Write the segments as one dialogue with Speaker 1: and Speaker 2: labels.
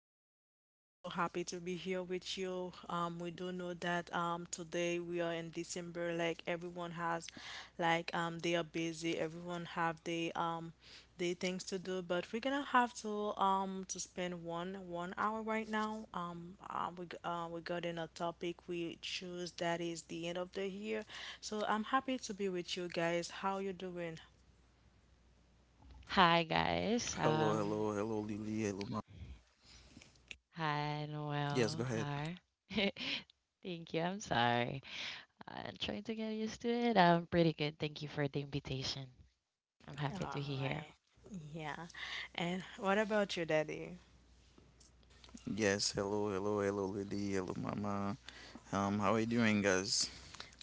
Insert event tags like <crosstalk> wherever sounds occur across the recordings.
Speaker 1: everyone. I'm so happy to be here with you. We do know that today we are in December. Like everyone has, they are busy. Everyone have they things to do. But we're gonna have to spend one one hour right now. We got in a topic we choose that is the end of the year. So I'm happy to be with you guys. How you doing?
Speaker 2: Hi
Speaker 3: Hello, hello,
Speaker 2: guys.
Speaker 3: hello, Lily, hello, Mama.
Speaker 2: Hi,
Speaker 3: Yes, go ahead.
Speaker 2: Noel. Hi. <laughs> Thank you. I'm sorry. I'm trying to get used to it. I'm pretty good. Thank you for the invitation. I'm
Speaker 1: All
Speaker 2: happy to be here.
Speaker 1: right. Yeah. And what about your Daddy?
Speaker 3: Yes, hello, hello, hello, Lily, hello, mama. How are you doing, guys?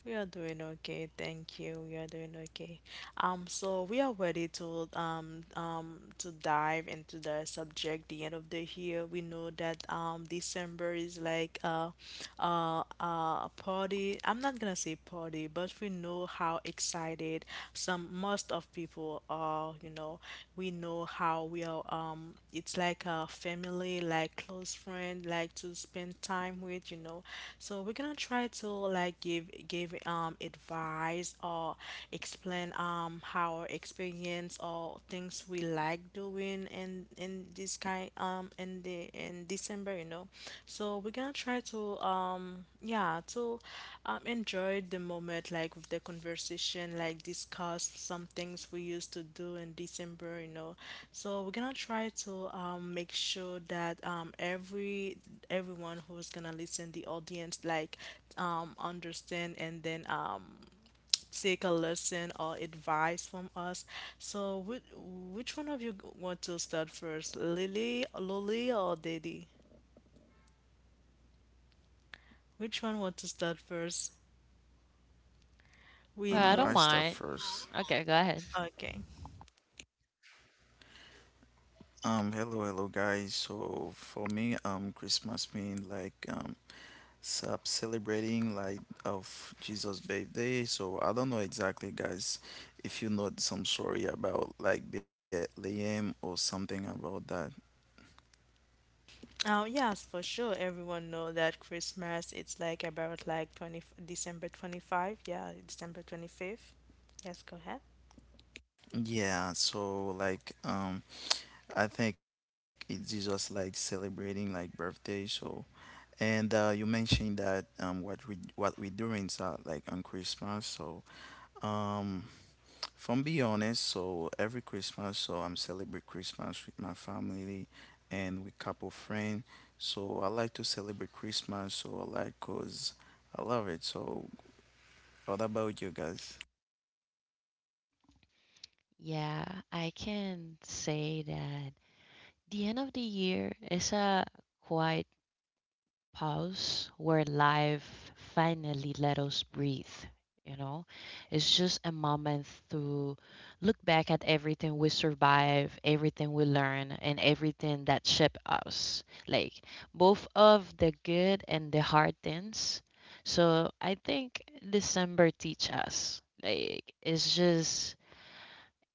Speaker 1: We are doing okay, thank you. We are doing okay. So we are ready to dive into the subject. The end of the year, we know that December is like a party. I'm not gonna say party, but we know how excited some most of people are. You know, we know how we are. It's like a family, like close friend, like to spend time with, you know. So we're gonna try to like give advice or explain our experience or things we like doing in this kind in the in December, you know. So we're gonna try to yeah, to enjoy the moment, like with the conversation, like discuss some things we used to do in December, you know. So we're gonna try to make sure that every everyone who's gonna listen, the audience, like understand and then take a lesson or advice from us. So which one of you want to start first, Lily or Daddy. Which one wants to start first? We
Speaker 2: Well, I
Speaker 1: know.
Speaker 2: don't
Speaker 3: I start
Speaker 2: mind.
Speaker 3: first.
Speaker 2: Okay, go ahead.
Speaker 1: Okay.
Speaker 3: Hello, hello, guys. So for me, Christmas mean like sub celebrating like of Jesus' birthday. So I don't know exactly, guys, if you know some story about like Bethlehem or something about that.
Speaker 1: Oh, yes, for sure. Everyone know that Christmas, it's like about like 20, December 25. Yeah, December 25th. Yes, go ahead.
Speaker 3: Yeah. So like. I think it's just like celebrating like birthday. So, and you mentioned that what we doing like on Christmas. So, um, from be honest, so every Christmas, so I'm celebrate Christmas with my family and with couple friend. So I like to celebrate Christmas. So I like cause I love it. So what about you guys?
Speaker 2: Yeah, I can say that the end of the year is a quite pause where life finally let us breathe. You know, it's just a moment to look back at everything we survive, everything we learn, and everything that shaped us. Like both of the good and the hard things. So I think December teach us. Like it's just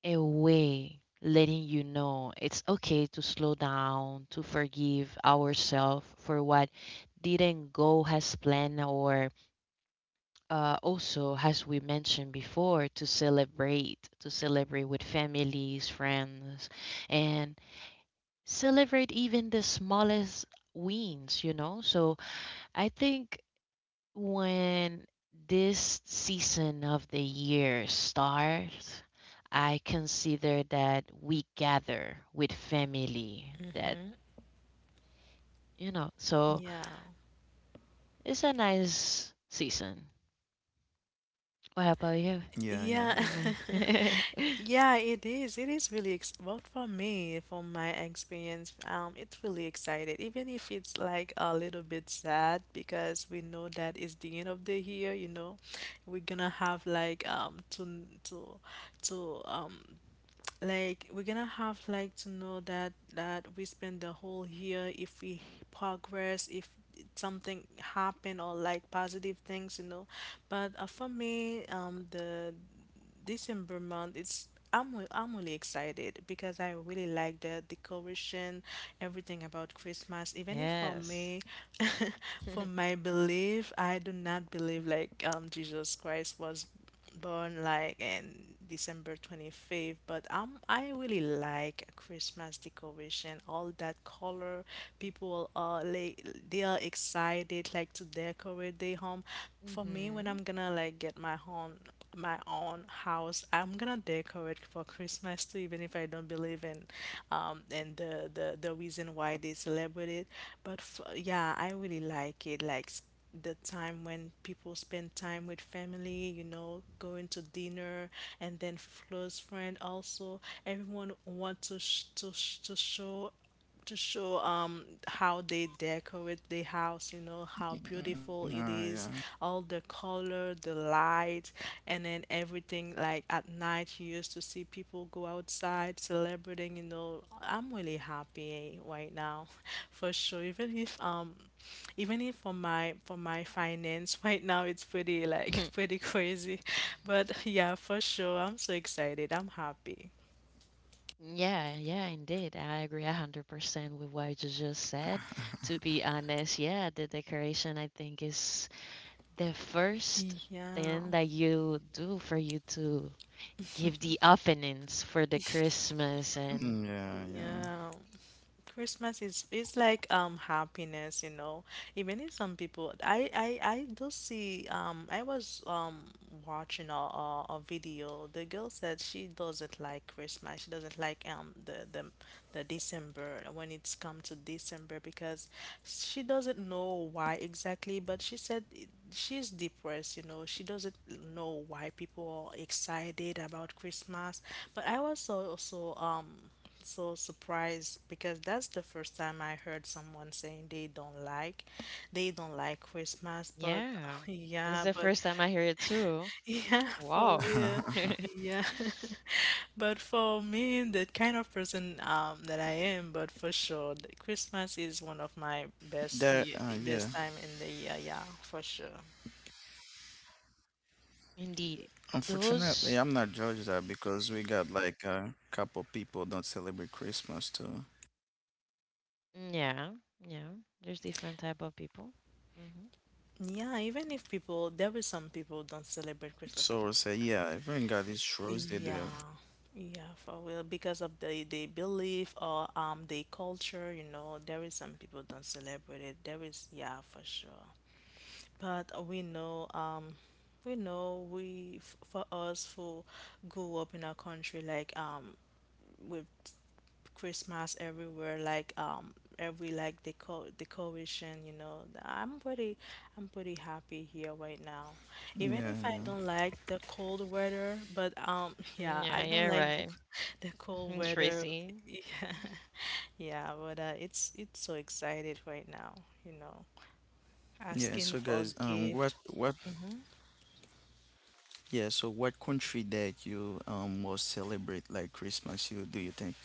Speaker 2: a way letting you know it's okay to slow down, to forgive ourselves for what didn't go as planned, or also, as we mentioned before, to celebrate with families, friends, and celebrate even the smallest wins, you know? So I think when this season of the year starts, I consider that we gather with family. That you know, so
Speaker 1: Yeah.
Speaker 2: it's a nice season. What about you?
Speaker 3: Yeah, yeah,
Speaker 1: Yeah.
Speaker 3: you're right.
Speaker 2: Mm.
Speaker 1: <laughs> Yeah, it is. It is really ex, well, for me, from my experience, it's really excited, even if it's like a little bit sad because we know that it's the end of the year, you know. We're gonna have like to like we're gonna have like to know that that we spend the whole year, if we progress, if something happen or like positive things, you know. But for me the December month, it's I'm really excited because I really like the decoration, everything about Christmas. Even if for
Speaker 2: <laughs> Yes.
Speaker 1: me, <laughs> for my belief, I do not believe like Jesus Christ was born like in December 25th, but I really like Christmas decoration, all that color. People are like they are excited like to decorate their home. For me, when
Speaker 2: Mm-hmm.
Speaker 1: I'm gonna like get my home, my own house. I'm gonna decorate for Christmas too, even if I don't believe in, and the reason why they celebrate it. But f yeah, I really like it. The time when people spend time with family, you know, going to dinner, and then close friend also. Everyone want to sh to sh to show how they decorate the house, you know, how
Speaker 3: Mm,
Speaker 1: beautiful it
Speaker 3: Yeah.
Speaker 1: is, all the color, the light, and then everything. Like at night you used to see people go outside celebrating, you know. I'm really happy right now. <laughs> For sure, even if for my finance <laughs> right now, it's pretty like <laughs>
Speaker 2: <laughs>
Speaker 1: pretty crazy, but yeah, for sure, I'm so excited, I'm happy.
Speaker 2: Yeah, yeah, indeed. I agree 100% with what you just said. To be honest, yeah, the decoration I think is the first
Speaker 1: Yeah,
Speaker 2: thing that you do for you to give the openings for the Christmas and
Speaker 3: Mm,
Speaker 1: yeah.
Speaker 3: yeah,
Speaker 1: Christmas is like happiness, you know. Even if some people, I do see. I was watching a video. The girl said she doesn't like Christmas. She doesn't like the December, when it's come to December, because she doesn't know why exactly. But she said she's depressed. You know, she doesn't know why people are excited about Christmas. But I was also so surprised because that's the first time I heard someone saying they don't like Christmas, but
Speaker 2: yeah.
Speaker 1: <laughs>
Speaker 2: This is
Speaker 1: yeah,
Speaker 2: the
Speaker 1: but
Speaker 2: first time I hear it too.
Speaker 1: <laughs> yeah, for
Speaker 2: Wow.
Speaker 1: real,
Speaker 3: yeah.
Speaker 1: yeah.
Speaker 2: <laughs>
Speaker 1: <laughs> But for me, the kind of person that I am, but for sure the Christmas is one of my
Speaker 3: <laughs> There, yeah.
Speaker 1: best time in the year. Yeah, for sure.
Speaker 2: Indeed.
Speaker 3: Unfortunately,
Speaker 2: Those
Speaker 3: I'm not judged that because we got like a couple people don't celebrate Christmas too.
Speaker 2: yeah, yeah. There's different type of people. Hmm.
Speaker 1: Yeah, even if people, there were some
Speaker 3: So
Speaker 1: people
Speaker 3: we'll
Speaker 1: don't
Speaker 3: say, yeah,
Speaker 1: celebrate
Speaker 3: everyone
Speaker 1: Christmas.
Speaker 3: got these shows they do.
Speaker 1: Yeah, yeah, for real. Because of the belief or the culture, you know, there is some people don't celebrate it. There is, yeah, for sure. But we know, for us who grew up in a country like with Christmas everywhere, like every like decoration, you know. I'm pretty happy here right now. Even
Speaker 3: Yeah,
Speaker 1: if I
Speaker 3: yeah,
Speaker 1: don't like the cold weather, but <laughs> yeah,
Speaker 2: Yeah,
Speaker 1: I
Speaker 2: yeah,
Speaker 1: don't like the
Speaker 2: right.
Speaker 1: <laughs> the cold
Speaker 2: <laughs>
Speaker 1: weather. <laughs>
Speaker 2: Tracy.
Speaker 1: Yeah, yeah, but it's so excited right now, you know.
Speaker 3: yeah.
Speaker 1: Asking
Speaker 3: So,
Speaker 1: for a
Speaker 3: guys,
Speaker 1: gift. Mm-hmm.
Speaker 3: yeah. So what country that you most celebrate like Christmas? You do you think?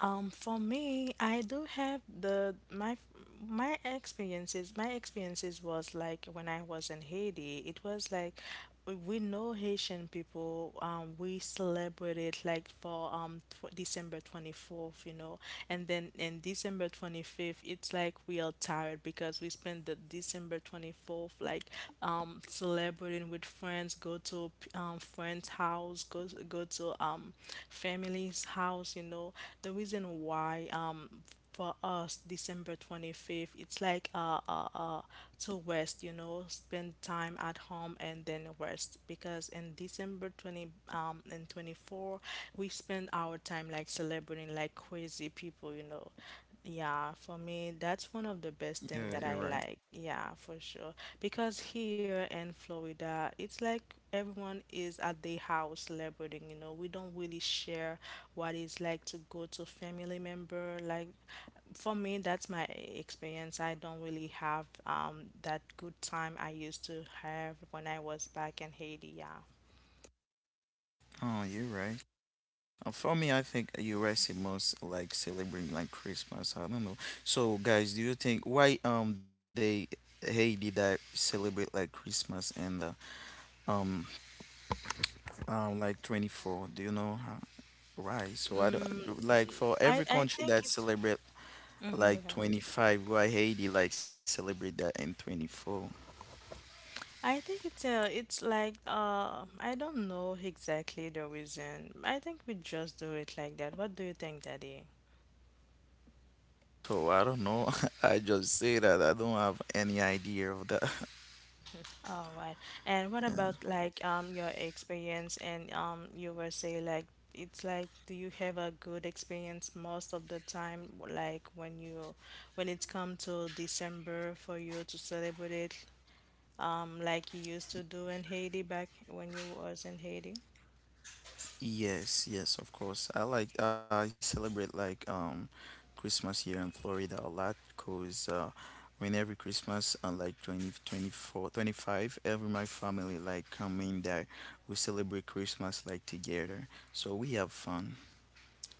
Speaker 1: For me, I do have the my my experiences. My experiences was like when I was in Haiti. It was like we know Haitian people. We celebrate it like for tw December 24th, you know, and then in December 25th it's like we are tired because we spend the December 24th like celebrating with friends, go to friends house, go to family's house, you know. The reason why for us December 25th. It's like to rest, you know, spend time at home and then rest because in December 20 and 24, we spend our time like celebrating like crazy people, you know. Yeah, for me, that's one of the best
Speaker 3: Yeah,
Speaker 1: thing
Speaker 3: you're
Speaker 1: that I
Speaker 3: right.
Speaker 1: like. Yeah, for sure. Because here in Florida, it's like everyone is at their house celebrating, you know. We don't really share what it's like to go to family member, like, for me, that's my experience. I don't really have that good time I used to have when I was back in Haiti. Yeah.
Speaker 3: Oh, you're right. For me, I think U.S. is most like celebrating like Christmas. I don't know. So, guys, do you think why they Haiti that celebrate like Christmas and Um, like 24. Do you know? Right. So I don't I
Speaker 1: Mm,
Speaker 3: do- like for every
Speaker 1: I
Speaker 3: country
Speaker 1: think
Speaker 3: that
Speaker 1: it's.
Speaker 3: celebrate
Speaker 1: Mhm,
Speaker 3: like
Speaker 1: go ahead.
Speaker 3: 25. Why Haiti like celebrate that in 24?
Speaker 1: I think it's like I don't know exactly the reason. I think we just do it like that. What do you think, Daddy?
Speaker 3: So I don't know. <laughs> I just say that I don't have any idea of that.
Speaker 2: <laughs>
Speaker 1: All right. And what about like your experience and you were say like, it's like, do you have a good experience most of the time like when you when it come to December for you to celebrate it like you used to do in Haiti back when you was in Haiti?
Speaker 3: Yes, yes, of course. I celebrate like Christmas here in Florida a lot because when every Christmas on like 20, 24, 25, every my family like come in there, we celebrate Christmas like together. So we have fun.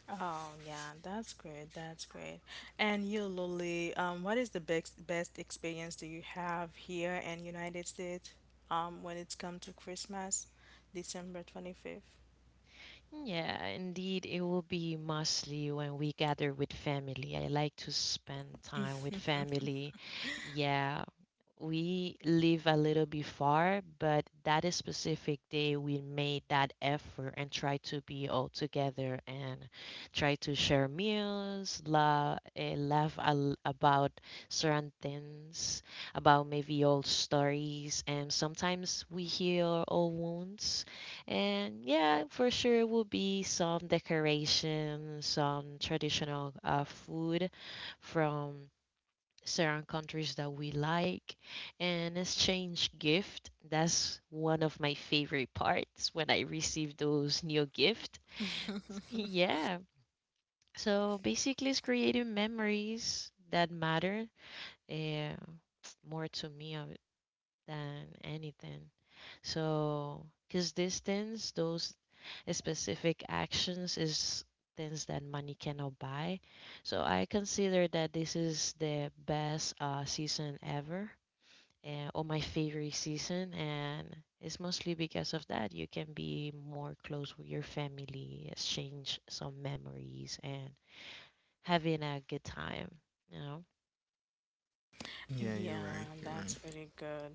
Speaker 1: Oh yeah, that's great. That's great. And you, Lily, what is the best experience do you have here in United States, when it's come to Christmas, December 25th?
Speaker 2: Yeah, indeed, it will be mostly when we gather with family. I like to spend time with family. Yeah, we live a little bit far, but that is specific day we made that effort and try to be all together and try to share meals, laugh al about certain things, about maybe old stories, and sometimes we heal old wounds. And yeah, for sure it will be some decoration, some traditional food from certain countries that we like and exchange gift. That's one of my favorite parts when I receive those new gift.
Speaker 1: <laughs>
Speaker 2: Yeah, so basically it's creating memories that matter, yeah, more to me of it than anything. So because these things, those specific actions is things that money cannot buy. So I consider that this is the best season ever, on my favorite season, and it's mostly because of that. You can be more close with your family, exchange some memories, and having a good time. You know.
Speaker 3: Yeah, you're right.
Speaker 1: Yeah,
Speaker 3: You're right.
Speaker 1: that's pretty good.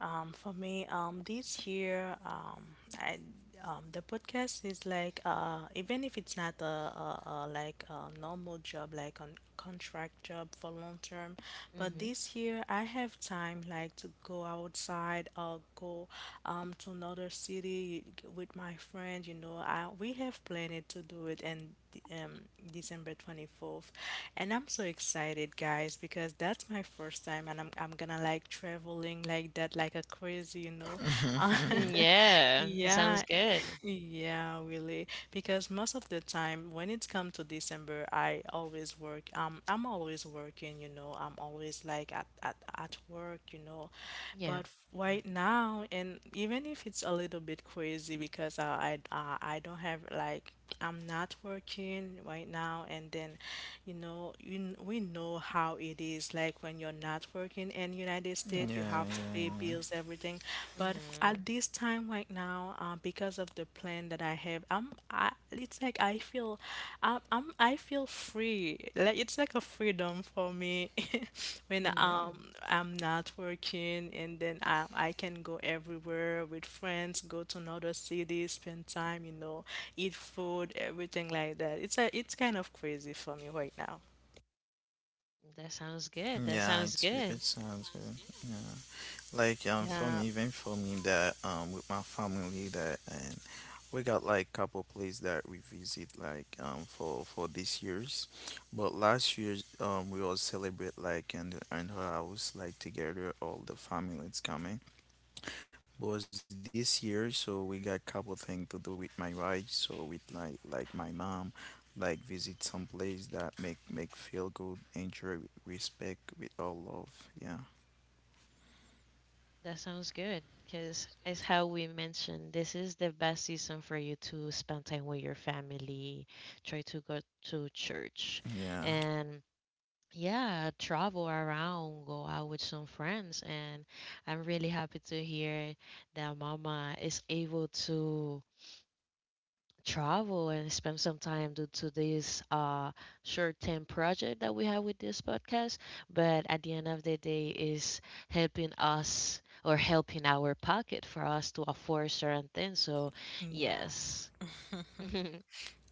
Speaker 1: For me, this year, I the podcast is like even if it's not a like a normal job, like a contract job for long term, but
Speaker 2: Mm-hmm.
Speaker 1: this year I have time like to go outside or go to another city with my friend. You know, we have planned to do it in um, December 24th. And I'm so excited, guys, because that's my first time and I'm gonna like traveling like that, like a crazy, you know.
Speaker 3: <laughs>
Speaker 1: <laughs>
Speaker 2: Yeah, it sounds
Speaker 1: Yeah.
Speaker 2: good.
Speaker 1: Yeah, really. Because most of the time when it's come to December, I always work. I'm always working, you know. I'm always like at work, you know.
Speaker 2: Yeah.
Speaker 1: But
Speaker 2: Yeah.
Speaker 1: right now, and even if it's a little bit crazy because I don't have like, I'm not working right now, and then, you know, we know how it is like when you're not working in United
Speaker 3: Yeah,
Speaker 1: States, you have to pay
Speaker 3: yeah,
Speaker 1: bills, everything. But
Speaker 2: Mm-hmm.
Speaker 1: at this time right now, because of the plan that I have, it's like I feel, I feel free. Like it's like a freedom for me. <laughs> When
Speaker 2: Mm, yeah.
Speaker 1: I'm not working, and then I can go everywhere with friends, go to another city, spend time, you know, eat food, everything like that. It's a it's kind of crazy for me right now.
Speaker 2: That sounds
Speaker 3: yeah.
Speaker 2: good.
Speaker 3: Yeah,
Speaker 2: That
Speaker 3: it's
Speaker 2: sounds
Speaker 3: it
Speaker 2: good.
Speaker 3: sounds good. Yeah. Like for me,
Speaker 1: Yeah,
Speaker 3: even for me that with my family that and we got like couple places that we visit like for this year's, but last year we all celebrate like in her house like together all the family is coming. But this year so we got couple thing to do with my wife so with like my mom like visit some place that make feel good enjoy respect with all love yeah
Speaker 2: That sounds good. Because it's how we mentioned, this is the best season for you to spend time with your family, try to go to church.
Speaker 3: yeah
Speaker 2: And yeah, travel around, go out with some friends, and I'm really happy to hear that Mama is able to travel and spend some time due to this short-term project that we have with this podcast. But at the end of the day, is helping us or helping our pocket for us to afford certain things. So
Speaker 1: yeah.
Speaker 2: yes, <laughs> hmm,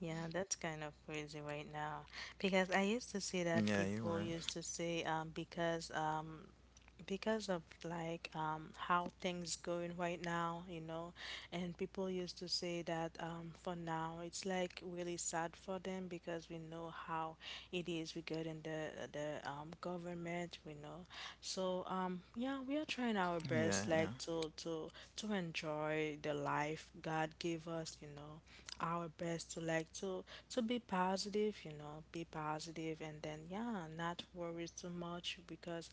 Speaker 1: Yeah, that's kind of crazy right now because I used to see
Speaker 3: yeah
Speaker 1: that
Speaker 3: you were.
Speaker 1: people used to say because of like how things going right now, you know, and people used to say that for now it's like really sad for them because we know how it is regarding the government, we know. So yeah, we are trying our
Speaker 3: Yeah,
Speaker 1: best
Speaker 3: yeah.
Speaker 1: like to enjoy enjoy the life God give us, you know, our best to like to be positive, you know, be positive and then yeah, not worry too much because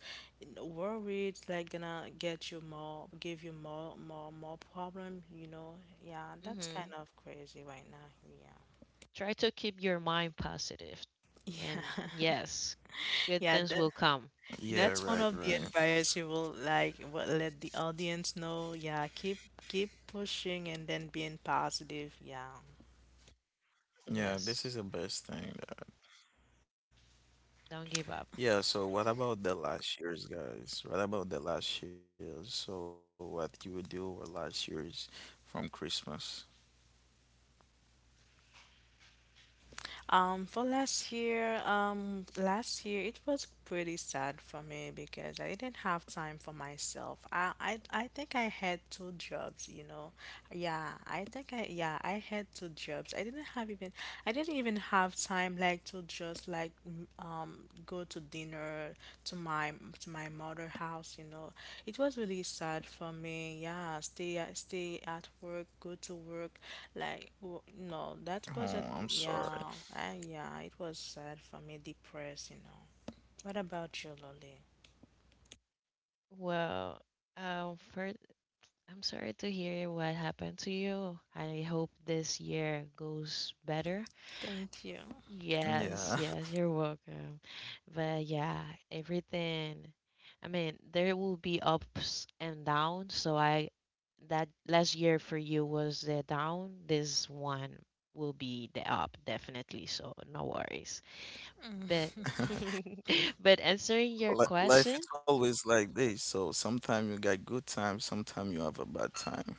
Speaker 1: worry is like gonna get you more, give you more problem, you know. Yeah, that's kind of crazy right now. Yeah.
Speaker 2: try to keep your mind positive,
Speaker 1: <laughs>
Speaker 2: and
Speaker 1: Yeah.
Speaker 2: yes, good
Speaker 1: Yeah,
Speaker 2: things
Speaker 1: that
Speaker 2: will come.
Speaker 3: Yeah, right,
Speaker 1: that's one
Speaker 3: right.
Speaker 1: of the advice you will like what let the audience know. Yeah, keep pushing and then being positive. Yeah.
Speaker 3: Yeah, this is the
Speaker 2: Yes,
Speaker 3: best thing. That,
Speaker 2: don't give
Speaker 3: yeah,
Speaker 2: up.
Speaker 3: so what about the last years, guys? What about the last years? So what you would do with last years from Christmas?
Speaker 1: For last year it was pretty sad for me because I didn't have time for myself. I think I had two jobs, you know. Yeah, I had two jobs. I didn't even have time like to just like go to dinner to my to my mother house, you know. It was really sad for me. Yeah, stay at work, go to work, like w- no, that wasn't.
Speaker 3: Oh, I'm sorry.
Speaker 1: Yeah, I, yeah, it was sad for me, depressed, you know. What about you, Lolly?
Speaker 2: Well, first, I'm sorry to hear what happened to you. I hope this year goes better.
Speaker 1: Thank you.
Speaker 3: Yeah.
Speaker 2: Yes, yes, you're welcome. But yeah, everything. I mean, there will be ups and downs. So I, that last year for you was the down. This one will be the up, definitely. So no worries. But,
Speaker 3: <laughs>
Speaker 1: <laughs>
Speaker 2: <laughs> but answering your
Speaker 3: Life
Speaker 2: question.
Speaker 3: is always like this. So sometimes you got good times, sometimes you have a bad time.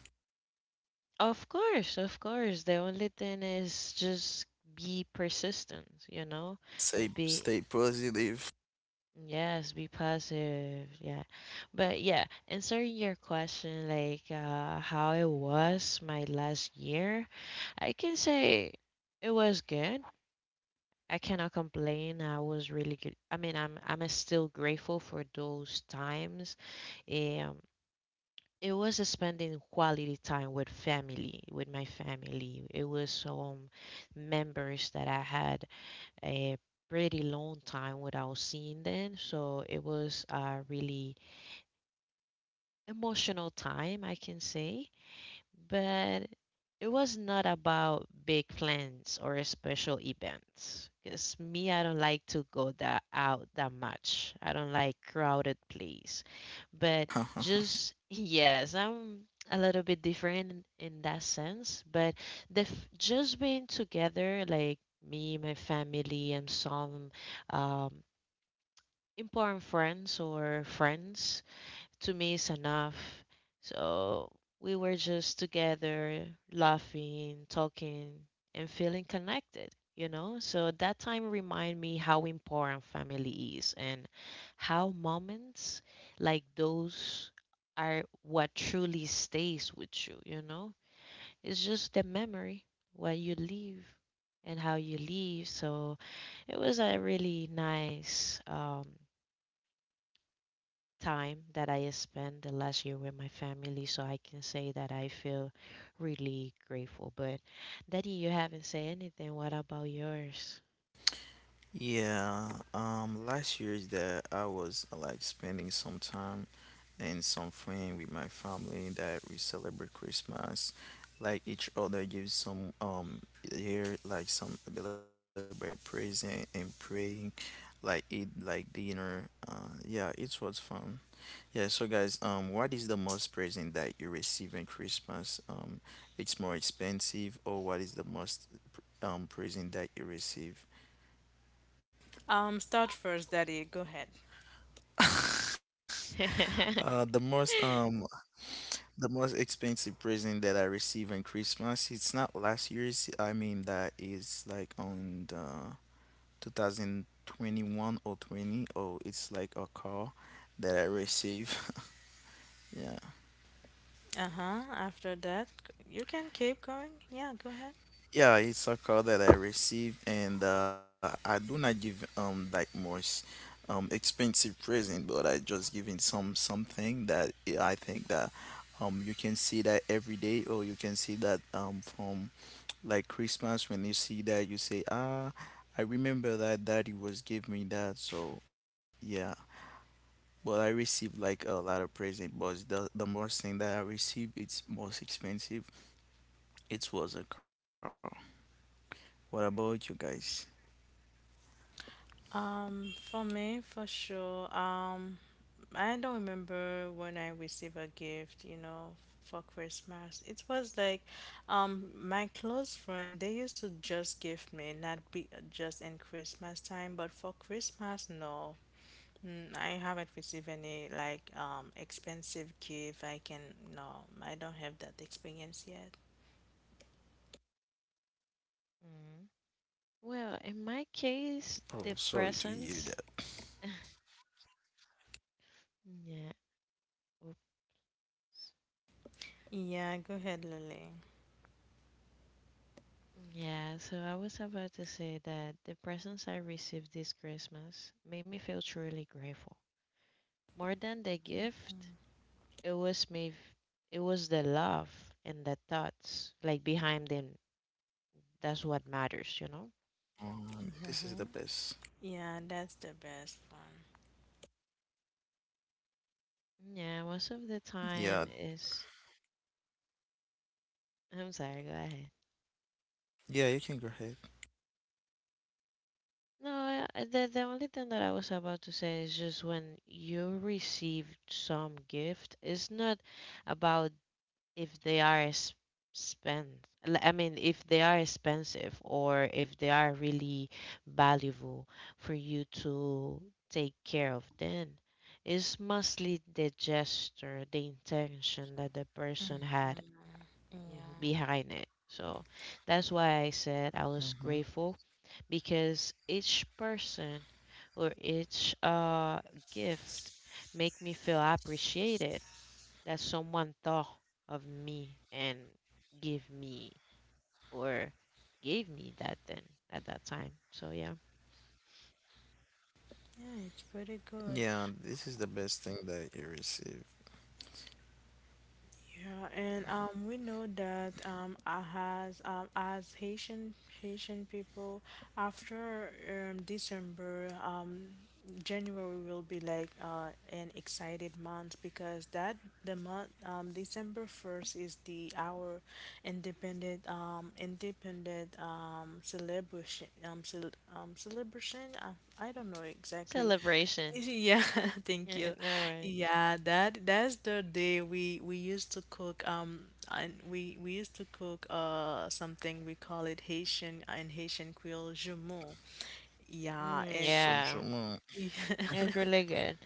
Speaker 2: Of course, of course. The only thing is just be persistent, you know?
Speaker 3: Say,
Speaker 2: Be,
Speaker 3: stay positive.
Speaker 2: yes, be positive. Yeah. But yeah, answering your question, like how it was my last year, I can say it was good. I cannot complain. I was really good. I mean, I'm still grateful for those times. Um, it was spending quality time with family, with my family. It was some members that I had a pretty long time without seeing them, so it was a really emotional time, I can say. But it was not about big plans or special events. Because me, I don't like to go that out that much. I don't like crowded place. But
Speaker 3: <laughs>
Speaker 2: just <laughs> yes, I'm a little bit different in that sense. But just being together, like me, my family, and some um, important friends or friends to me is enough. So we were just together, laughing, talking, and feeling connected, you know? So that time remind me how important family is and how moments like those are what truly stays with you, you know? It's just the memory what you leave and how you leave. So it was a really nice time that I spent the last year with my family, so I can say that I feel really grateful. But Daddy, you haven't said anything. What about yours?
Speaker 3: Yeah, last year is that I was like spending some time and some friend with my family that we celebrate Christmas. Like each other gives some here like some a little bit present and praying, like eat like dinner. Yeah, it was fun. Yeah, so guys, what is the most present that you receive in Christmas? It's more expensive, or what is the most present that you receive?
Speaker 1: Start first, Daddy. Go ahead.
Speaker 3: Uh, the
Speaker 2: <laughs>
Speaker 3: most um the most expensive present that I received in Christmas, it's not last year's. I mean that is like on the 2021 or 20. Oh, it's like a car that I received. <laughs> Yeah.
Speaker 1: Uh-huh. After that, you can keep going. Yeah, go ahead.
Speaker 3: Yeah, it's a car that I received and I do not give like most expensive present, but I just giving something that I think that you can see that every day or you can see that from like Christmas, when you see that you say ah, I remember that daddy was give me that. So yeah, but I received like a lot of present, but the most thing that I received it's most expensive, it was a car. What about you guys?
Speaker 1: For me, for sure. I don't remember when I received a gift, you know, for Christmas. It was like, my close friend, they used to just give me, not be just in Christmas time, but for Christmas, no. I haven't received any like expensive gift. No, I don't have that experience yet.
Speaker 2: Mm.
Speaker 3: Oh,
Speaker 2: Well, in
Speaker 3: sorry
Speaker 2: my
Speaker 3: to hear that.
Speaker 2: case, the presents. <laughs> Yeah. Oops.
Speaker 1: Yeah, go ahead, Lily.
Speaker 2: Yeah, so I was about to say that the presents I received this Christmas made me feel truly grateful. More than the gift, it was me. It was the love and the thoughts like behind them. That's what matters, you know.
Speaker 3: This is
Speaker 1: <laughs>
Speaker 3: the
Speaker 1: Yeah,
Speaker 3: best.
Speaker 1: yeah, that's the best one.
Speaker 2: Yeah, most of the
Speaker 3: Yeah,
Speaker 2: time is. I'm sorry. Go ahead.
Speaker 3: yeah, you can go ahead.
Speaker 2: No, the only thing that I was about to say is just when you receive some gift, it's not about if they are spent, I mean, if they are expensive or if they are really valuable for you to take care of, then it's mostly the gesture, the intention that the person had,
Speaker 1: Mhm. Yeah.
Speaker 2: behind it. So that's why I said
Speaker 3: Hmm.
Speaker 2: I was grateful. Because each person or each gift make me feel appreciated that someone thought of me and give me or gave me that then at that time. So yeah,
Speaker 1: Yeah, it's pretty
Speaker 3: Yeah,
Speaker 1: good.
Speaker 3: this is the best thing that you receive.
Speaker 1: Yeah, and we know that has as Haitian people, after December, January will be like an excited month because that the month December 1st is the our independent independent celebration. I don't know exactly.
Speaker 2: celebration.
Speaker 1: Yeah, <laughs> thank you.
Speaker 2: <laughs> No way.
Speaker 1: Yeah, that's the day we used to cook and we used to cook something we call it Haitian in Haitian Creole jumeau. Yeah,
Speaker 3: so,
Speaker 2: Mm,
Speaker 1: and
Speaker 3: so,
Speaker 2: yeah,
Speaker 3: mm,
Speaker 1: <laughs>
Speaker 2: it's really good.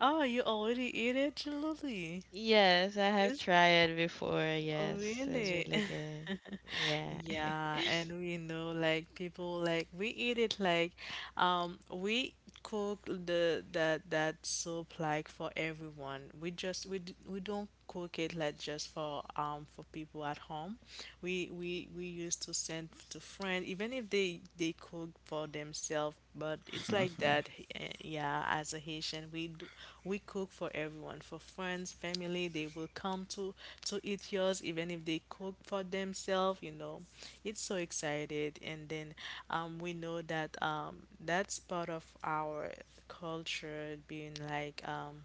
Speaker 1: oh, you already eat it, Julie?
Speaker 2: Yes, I have
Speaker 1: Yes,
Speaker 2: tried it before.
Speaker 1: oh,
Speaker 2: Yes, it's
Speaker 1: really?
Speaker 2: really good.
Speaker 1: <laughs>
Speaker 2: Yeah.
Speaker 1: Yeah, and we know like people like we eat it like we cook the that that soup like for everyone. We just we don't cook it like just for people at home. We used to send to friends, even if they they cook for themselves. But it's like
Speaker 3: <laughs>
Speaker 1: that, yeah. As a Haitian, we do, we cook for everyone, for friends, family. They will come to eat yours, even if they cook for themselves. You know, it's so excited. And then, we know that that's part of our culture, being like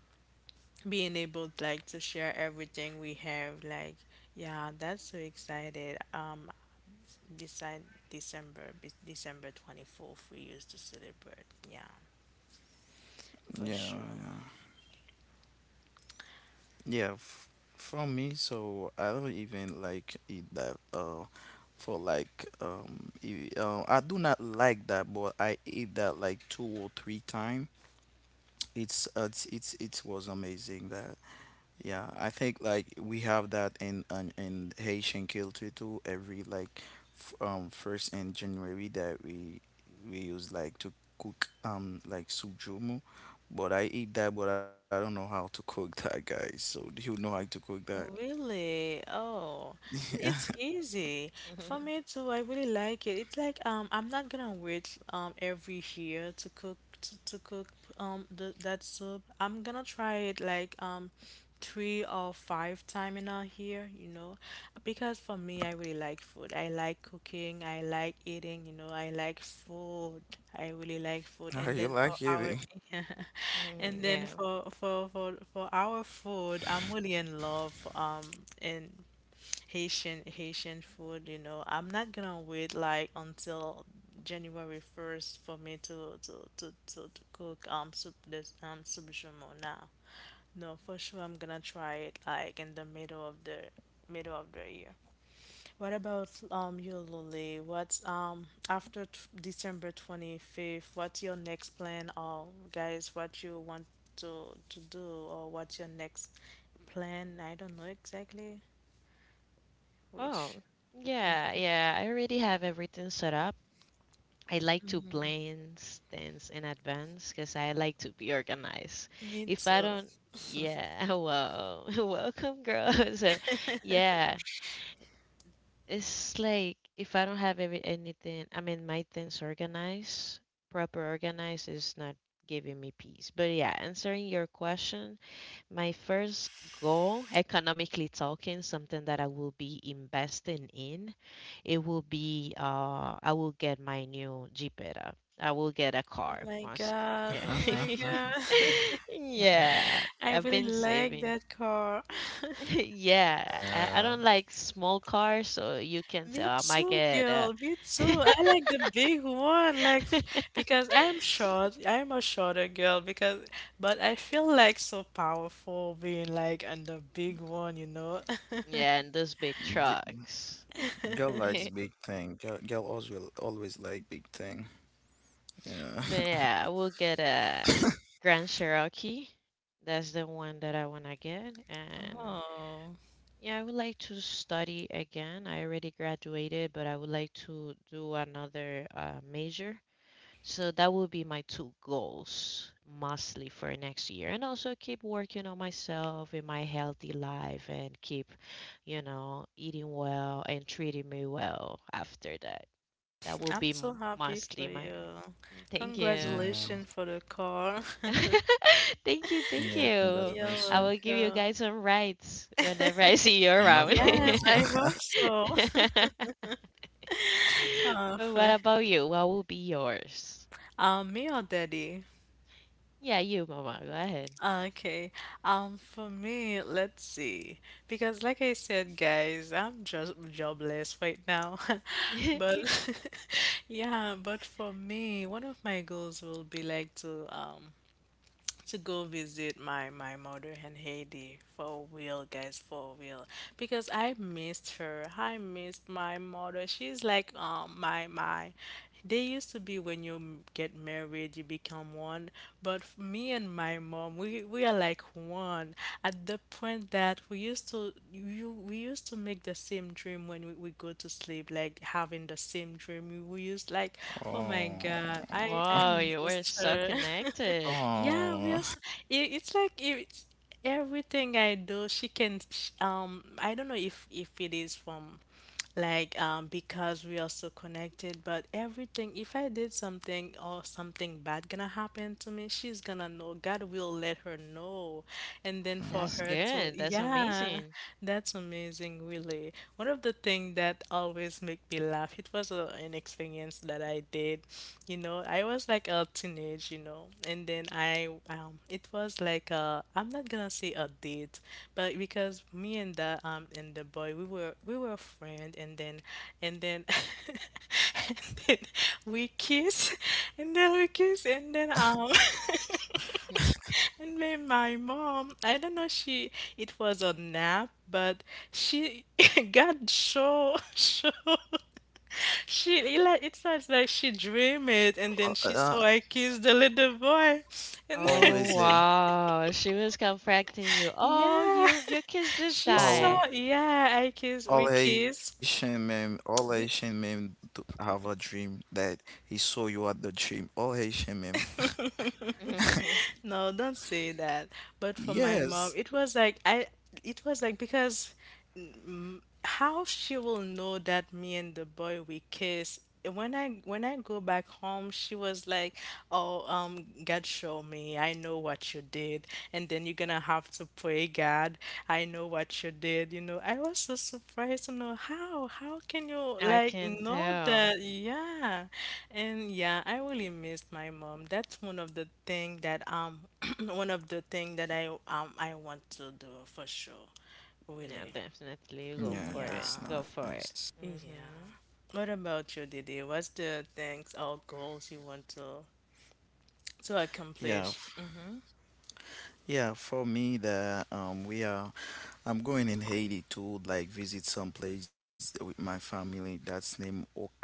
Speaker 1: being able like to share everything we have like yeah that's so excited Decide December 24th, we used to celebrate. Yeah, for
Speaker 3: yeah,
Speaker 1: sure.
Speaker 3: yeah. Yeah, f from me, so I don't even like eat that. For like I do not like that, but I eat that like 2 or 3 times. It was amazing that. Yeah, I think like we have that in Haitian culture too. Every like f first in January that we use like to cook like sujumu, but I eat that, but I don't know how to cook that, guys. So do you know how to cook that?
Speaker 1: Really? Oh,
Speaker 3: <laughs> Yeah,
Speaker 1: it's easy. For me
Speaker 2: <laughs>
Speaker 1: too, I really like it. It's like I'm not gonna wait every year to cook to cook that soup. I'm gonna try it like three or five time in a here, you know, because for me, I really like food. I like cooking, I like eating, you know, I like food. I really like food.
Speaker 3: are
Speaker 1: And
Speaker 3: you
Speaker 1: then for
Speaker 3: like
Speaker 1: our
Speaker 3: eating?
Speaker 1: <laughs> yeah.
Speaker 2: Mm,
Speaker 1: And then
Speaker 2: yeah.
Speaker 1: for our food, I'm really in love in Haitian food, you know. I'm not gonna wait like until January 1st for me to cook soup now. No, for sure I'm gonna try it like in the middle of the year. What about you, Lily? What's after t December 25th, what's your next plan or guys, what you want to do or what's your next plan? I don't know exactly which.
Speaker 2: Oh, yeah, yeah. I already have everything set up. I like to plan things in advance because I like to be organized.
Speaker 1: Me
Speaker 2: If I
Speaker 1: too.
Speaker 2: don't, yeah, <laughs> wow, <laughs> welcome, girls. <laughs> Yeah, it's like if I don't have every anything, I mean, my things organized, proper organized is not giving me peace. But yeah, answering your question, my first goal, economically talking, something that I will be investing in, it will be I will get my new Jeepeta. I will get a
Speaker 1: Oh
Speaker 2: car.
Speaker 1: my
Speaker 2: Must,
Speaker 1: God.
Speaker 2: yeah.
Speaker 1: Oh
Speaker 2: <laughs>
Speaker 1: my
Speaker 3: <laughs>
Speaker 1: God.
Speaker 2: Yeah,
Speaker 1: <laughs> I
Speaker 2: I've
Speaker 1: really
Speaker 2: been
Speaker 1: like
Speaker 2: saving. <laughs>
Speaker 1: that car. <laughs>
Speaker 2: Yeah, I
Speaker 3: Uh,
Speaker 2: don't like small cars, so you can tell
Speaker 1: Me
Speaker 2: I might
Speaker 1: too,
Speaker 2: get
Speaker 1: girl. Me too. I like the big one, like
Speaker 2: <laughs>
Speaker 1: because I'm short. I'm a shorter girl because, but I feel like so powerful being like on the big one, you know.
Speaker 2: yeah, and those big
Speaker 3: g-
Speaker 2: trucks.
Speaker 3: Girl
Speaker 1: <laughs>
Speaker 2: <laughs>
Speaker 3: likes big thing. Girl always will always like big thing. Yeah,
Speaker 2: Yeah, we'll get a Grand Cherokee. That's the one that I want to get. And
Speaker 1: Oh,
Speaker 2: yeah, I would like to study again. I already graduated, but I would like to do another major. So that will be my two goals mostly for next year. And also keep working on myself in my healthy life and keep, you know, eating well and treating me well after that. That
Speaker 1: <laughs>
Speaker 2: will
Speaker 1: I'm
Speaker 2: be
Speaker 1: so happy for
Speaker 2: mostly my.
Speaker 1: you.
Speaker 2: Thank
Speaker 3: <laughs>
Speaker 2: you.
Speaker 3: yeah,
Speaker 1: Congratulations for the car. <laughs>
Speaker 2: <laughs> Thank you,
Speaker 3: yeah.
Speaker 2: thank you.
Speaker 1: You're
Speaker 3: Congratulations.
Speaker 2: I will give you
Speaker 1: welcome.
Speaker 2: guys some rights whenever I see you
Speaker 3: No
Speaker 2: around.
Speaker 1: Yes,
Speaker 3: problem.
Speaker 1: I
Speaker 2: <laughs>
Speaker 1: hope
Speaker 3: <laughs>
Speaker 1: so. <laughs> Oh,
Speaker 2: But what about you? What will be yours?
Speaker 1: <laughs> me or daddy?
Speaker 2: Yeah, you, Mama. Go ahead.
Speaker 1: Okay. For me, let's see. Because like I said, guys, I'm just jobless right now. <laughs> But
Speaker 2: <laughs>
Speaker 1: <laughs> yeah, but for me, one of my goals will be like to to go visit my mother in Haiti for real, guys, for real. Because I missed her. I missed my mother. She's like my my. They used to be when get married, you become one. Me and my mom, we are like one. At the point that we used to make the same dream when we go to sleep, like having the same dream. Oh my
Speaker 3: Oh,
Speaker 1: God, I
Speaker 2: Wow, you were
Speaker 1: missed
Speaker 2: so
Speaker 1: her. <laughs>
Speaker 2: connected.
Speaker 1: Yeah, we
Speaker 3: oh,
Speaker 1: are. So, it's like it's everything I do. She can. Sh I don't know if it is from like because we are so connected, but everything, if I did something or something bad gonna happen to me, she's gonna know, God will let her know and then for
Speaker 2: That's
Speaker 3: mm.
Speaker 1: her to,
Speaker 2: good. That's
Speaker 1: yeah,
Speaker 2: amazing.
Speaker 1: that's amazing, really. One of the things that always make me laugh, it was an experience that I did. You know, I was like a teenage, you know, and then it was like a, I'm not gonna say a date, but because me and the boy, we were friend, and then, <laughs> and then we kiss, and then we kiss, and then. <laughs>
Speaker 2: Hmm.
Speaker 1: And then my mom, I don't know she it was a nap, but she <laughs> got so she, it like it sounds like she dreamed it and
Speaker 3: Uh,
Speaker 1: then she
Speaker 3: uh,
Speaker 1: saw I kissed the little boy. And then
Speaker 2: Oh,
Speaker 3: always a,
Speaker 2: wow, she was confronting you.
Speaker 1: <laughs>
Speaker 2: Oh,
Speaker 1: yeah. <laughs>
Speaker 2: you kissed this
Speaker 1: She
Speaker 3: all
Speaker 1: saw,
Speaker 2: guy.
Speaker 1: yeah, I kiss
Speaker 3: all
Speaker 1: we
Speaker 3: Haitian
Speaker 1: kiss.
Speaker 3: men, all Haitian
Speaker 1: We,
Speaker 3: men do have a dream that he saw you at the gym. All Haitian men.
Speaker 2: <laughs>
Speaker 1: no, don't say that. But for my mom,
Speaker 3: Yes.
Speaker 1: it was like I it was like. Because how she will know that me and the boy we kiss, when I go back home, she was like, oh God show me, I know what you did, and then you're gonna have to pray God. I know what you did, you know. I was so surprised to know how can you
Speaker 2: I
Speaker 1: like
Speaker 2: can
Speaker 1: know
Speaker 2: tell.
Speaker 1: that. Yeah, and yeah, I really missed my mom. That's one of the thing that <clears throat> one of the thing that I want to do for sure,
Speaker 2: Yeah,
Speaker 1: really.
Speaker 2: definitely go
Speaker 3: Yeah,
Speaker 2: for it.
Speaker 1: Yeah.
Speaker 3: that's
Speaker 2: Go for
Speaker 3: nice.
Speaker 2: it.
Speaker 1: Yeah.
Speaker 2: Mhm.
Speaker 1: What about you, Didi? What's the things or goals you want to
Speaker 3: Yeah,
Speaker 1: accomplish?
Speaker 3: f-
Speaker 1: Mm-hmm.
Speaker 3: yeah. For me, the we are I'm going in Haiti to like visit some place with my family that's named Ocap,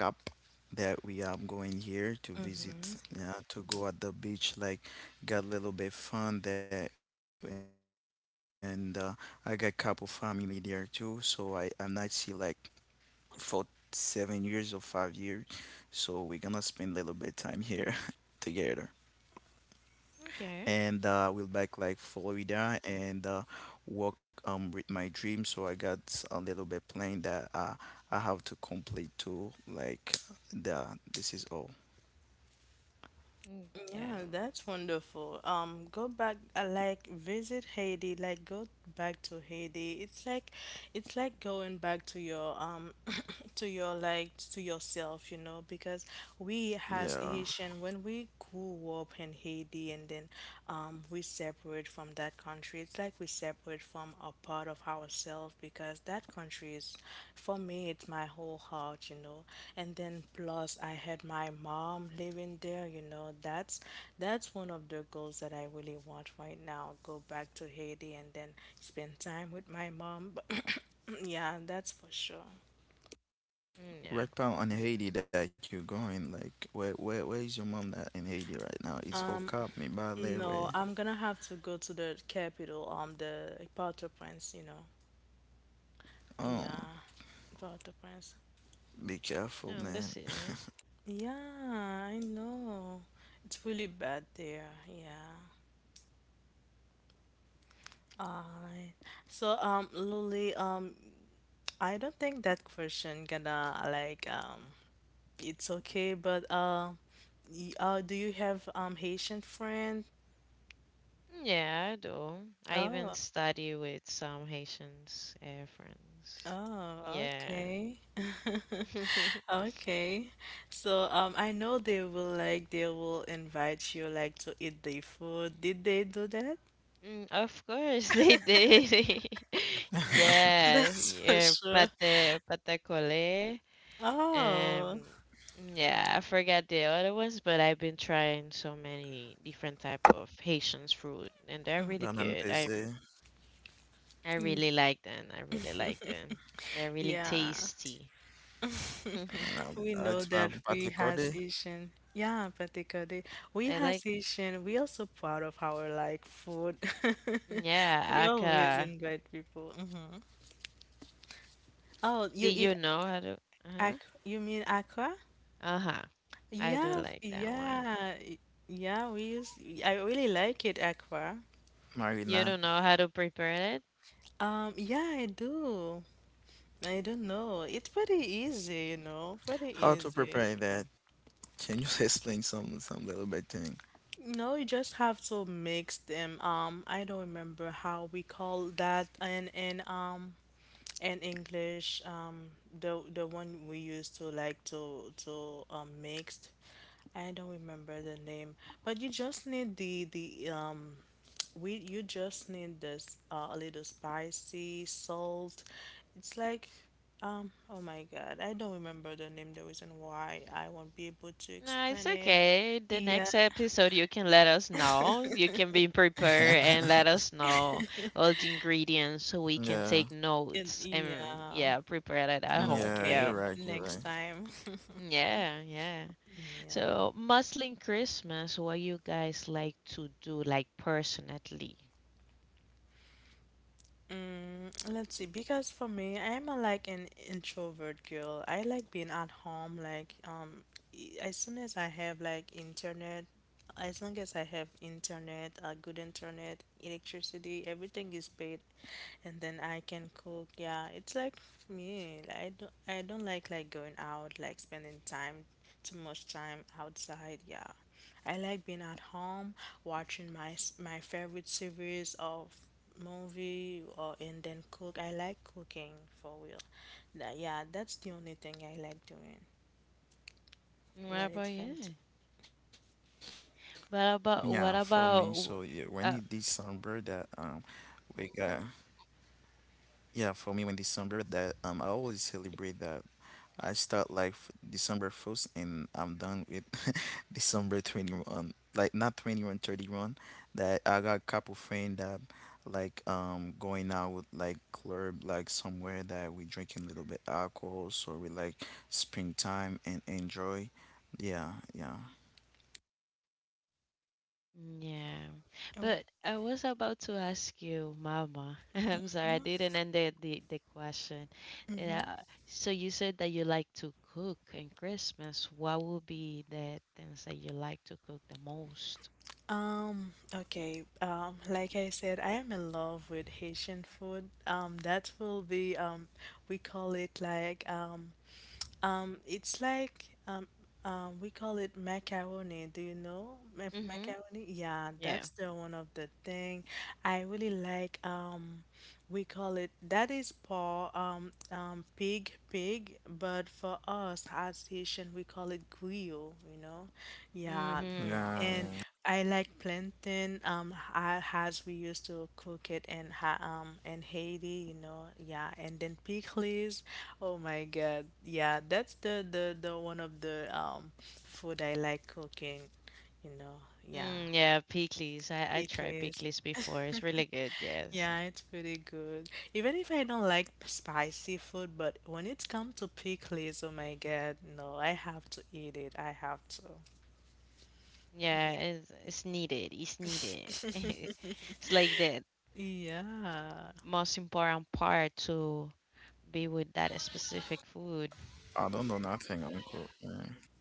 Speaker 3: that we are going here to visit,
Speaker 1: Mm-hmm.
Speaker 3: yeah, to go at the beach like got a little bit fun there and I got couple family there too, so I'm not see like for 7 years or 5 years, so we're gonna spend a little bit time here <laughs> together and
Speaker 2: Okay.
Speaker 3: uh, we'll back like Florida and work with my dream. So I got a little bit plan that I have to complete too. Like the this is all.
Speaker 2: Mm,
Speaker 1: Yeah,
Speaker 2: yeah.
Speaker 1: that's wonderful. Go back, like visit Haiti, like go back to Haiti. It's like going back to your like to yourself, you know, because we as
Speaker 3: Yeah,
Speaker 1: Haitian when we grew up in Haiti and then, we separate from that country. It's like we separate from a part of ourselves because that country is, for me, it's my whole heart, you know. And then plus I had my mom living there, you know. That's one of the goals that I really want right now, go back to Haiti and then spend time with my mom <coughs> yeah, that's for sure.
Speaker 2: Mm, yeah.
Speaker 3: right now in Haiti that you're going, like where is your mom that in Haiti right now? It's
Speaker 1: Um.
Speaker 3: Okap, Mibale, way.
Speaker 1: No, I'm gonna have to go to the capital, the Port-au-Prince, you know.
Speaker 3: Um,
Speaker 1: Yeah, Port-au-Prince.
Speaker 3: be careful,
Speaker 2: No,
Speaker 3: man.
Speaker 2: that's it.
Speaker 1: Yeah, I know. It's really bad there. Yeah. Alright. So, Lily, I don't think that question gonna it's okay, but y do you have Haitian friend?
Speaker 2: Yeah, I do. I even
Speaker 1: Oh,
Speaker 2: study with some Haitians friends.
Speaker 1: oh,
Speaker 2: Yeah.
Speaker 1: okay. <laughs>
Speaker 2: <laughs>
Speaker 1: Okay. So, I know they will like they will invite you like to eat the food. Did they do that?
Speaker 2: Mm, of course they did. <laughs>
Speaker 3: <laughs>
Speaker 1: <laughs>
Speaker 2: Yeah,
Speaker 1: That's for
Speaker 2: yeah,
Speaker 1: sure.
Speaker 2: pate, pate cole.
Speaker 1: Oh,
Speaker 2: Um, yeah, I forgot the other ones, but I've been trying so many different type of Haitian food, and they're really
Speaker 3: Banan
Speaker 2: good.
Speaker 3: Pese,
Speaker 2: I really like them. I really like them. They're really
Speaker 1: yeah.
Speaker 2: tasty. <laughs> I
Speaker 3: um,
Speaker 1: We know
Speaker 3: it's
Speaker 1: that we has
Speaker 3: Patekode,
Speaker 1: Asian. Yeah, particularly we
Speaker 2: like,
Speaker 1: has Asian. We are so proud of our like food. <laughs>
Speaker 2: yeah,
Speaker 1: We always
Speaker 2: aka.
Speaker 1: invite people. Mhm. Oh,
Speaker 2: Do
Speaker 1: you
Speaker 2: you
Speaker 1: eat
Speaker 2: know how to? Uh-huh.
Speaker 1: ac you mean aqua?
Speaker 2: Uh-huh. I do
Speaker 1: Yeah, f-
Speaker 2: like that one.
Speaker 1: yeah, y- yeah. We use. I really like it aqua.
Speaker 2: You
Speaker 3: Marina.
Speaker 2: don't know how to prepare.
Speaker 1: Yeah, I do. I don't know. It's pretty easy, you know, pretty
Speaker 3: How to
Speaker 1: easy.
Speaker 3: prepare that? Can you <laughs> explain some little bit thing?
Speaker 1: No, you just have to mix them. I don't remember how we call that in English. The one we used to like to mix. I don't remember the name, but you just need the we you just need this a little spicy salt. It's like oh my God, I don't remember the name, the reason why I won't be able to
Speaker 2: No, it's
Speaker 1: explain it.
Speaker 2: okay. The
Speaker 1: Yeah,
Speaker 2: next episode, you can let us know. You can be prepared and let
Speaker 3: <laughs>
Speaker 2: us know all the ingredients so we can take
Speaker 3: Yeah,
Speaker 1: and
Speaker 2: notes and,
Speaker 1: yeah.
Speaker 2: yeah, prepare it at home.
Speaker 3: yeah,
Speaker 2: Yeah.
Speaker 1: Okay,
Speaker 3: you're right,
Speaker 1: next
Speaker 3: you're right.
Speaker 1: time. <laughs>
Speaker 2: Yeah, yeah.
Speaker 1: Yeah.
Speaker 2: So, mostly Christmas, what you guys like to do, like personally?
Speaker 1: Mm, let's see, because for me, I'm a, like an introvert girl. I like being at home, as soon as I have like internet, as long as I have internet, good internet, electricity, everything is paid, and then I can cook. Yeah, it's like for me. I don't like going out, like spending time, too much time outside. Yeah, I like being at home, watching my favorite series of movie or and then cook. I like cooking for real. That Yeah, that's the only thing I like doing
Speaker 2: What
Speaker 1: when
Speaker 2: about
Speaker 1: it comes to.
Speaker 2: you?
Speaker 3: Yeah, for me, so yeah,
Speaker 2: What
Speaker 3: when
Speaker 2: about
Speaker 3: it
Speaker 2: what
Speaker 3: December
Speaker 2: about?
Speaker 3: that
Speaker 2: Uh,
Speaker 3: we got yeah, for me when December that I always celebrate that, I start life December 1st and I'm done with <laughs> December 21, like not 21, 31. That I got couple friend that like going out like club like somewhere that we drinking a little bit alcohol, so we like springtime and enjoy. Yeah, yeah.
Speaker 2: Yeah.
Speaker 1: Oh,
Speaker 2: But I was about to ask you, Mama. <laughs> I'm sorry, I
Speaker 1: yeah.
Speaker 2: didn't end the question. Yeah.
Speaker 1: Mm-hmm.
Speaker 2: So you said that you like to cook in Christmas. What would be the things that you like to cook the most?
Speaker 1: Okay. Like I said, I am in love with Haitian food. That will be we call it like it's like we call it macaroni. Do you know Ma
Speaker 2: Mm-hmm.
Speaker 1: macaroni? Yeah,
Speaker 2: Yeah.
Speaker 1: that's the one of the thing. I really like we call it that is paw pig, but for us as Haitian we call it griot, you know. Yeah,
Speaker 2: Mm-hmm.
Speaker 1: and I like
Speaker 3: Yeah, yeah.
Speaker 1: plantain as we used to cook it in ha in Haiti, you know, yeah. And then pickles, oh my God, yeah. That's the one of the food I like cooking, you know, yeah.
Speaker 2: Mm, yeah, pickles. I tried
Speaker 1: Pickles,
Speaker 2: pickles before. It's really good, yes.
Speaker 1: yeah, it's pretty good. Even if I don't like spicy food, but when it's come to pickles, oh my God, no, I have to eat it. I have to.
Speaker 2: Yeah,
Speaker 1: Yeah.
Speaker 2: it's needed. It's needed. <laughs> It's like the
Speaker 1: Yeah,
Speaker 2: most important part to be with that specific food.
Speaker 3: I don't know nothing, uncle. Yeah.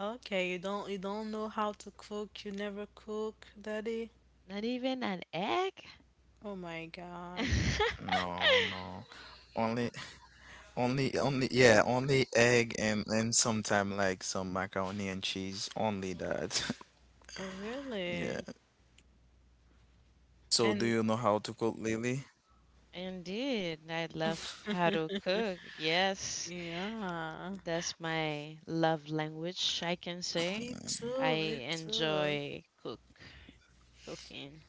Speaker 1: okay, you don't know how to cook. You never cook, Daddy.
Speaker 2: Not even an egg?
Speaker 1: Oh my God.
Speaker 2: <laughs>
Speaker 3: No, no. Only only, yeah, only egg and sometime like some macaroni and cheese. Only that. <laughs>
Speaker 1: Oh really?
Speaker 3: Yeah. So do
Speaker 1: And
Speaker 3: you know how to cook Lily?
Speaker 2: Indeed, I love how to cook. Yes,
Speaker 1: yeah.
Speaker 2: that's my love language, I can say. I
Speaker 1: Me too.
Speaker 2: enjoy cooking.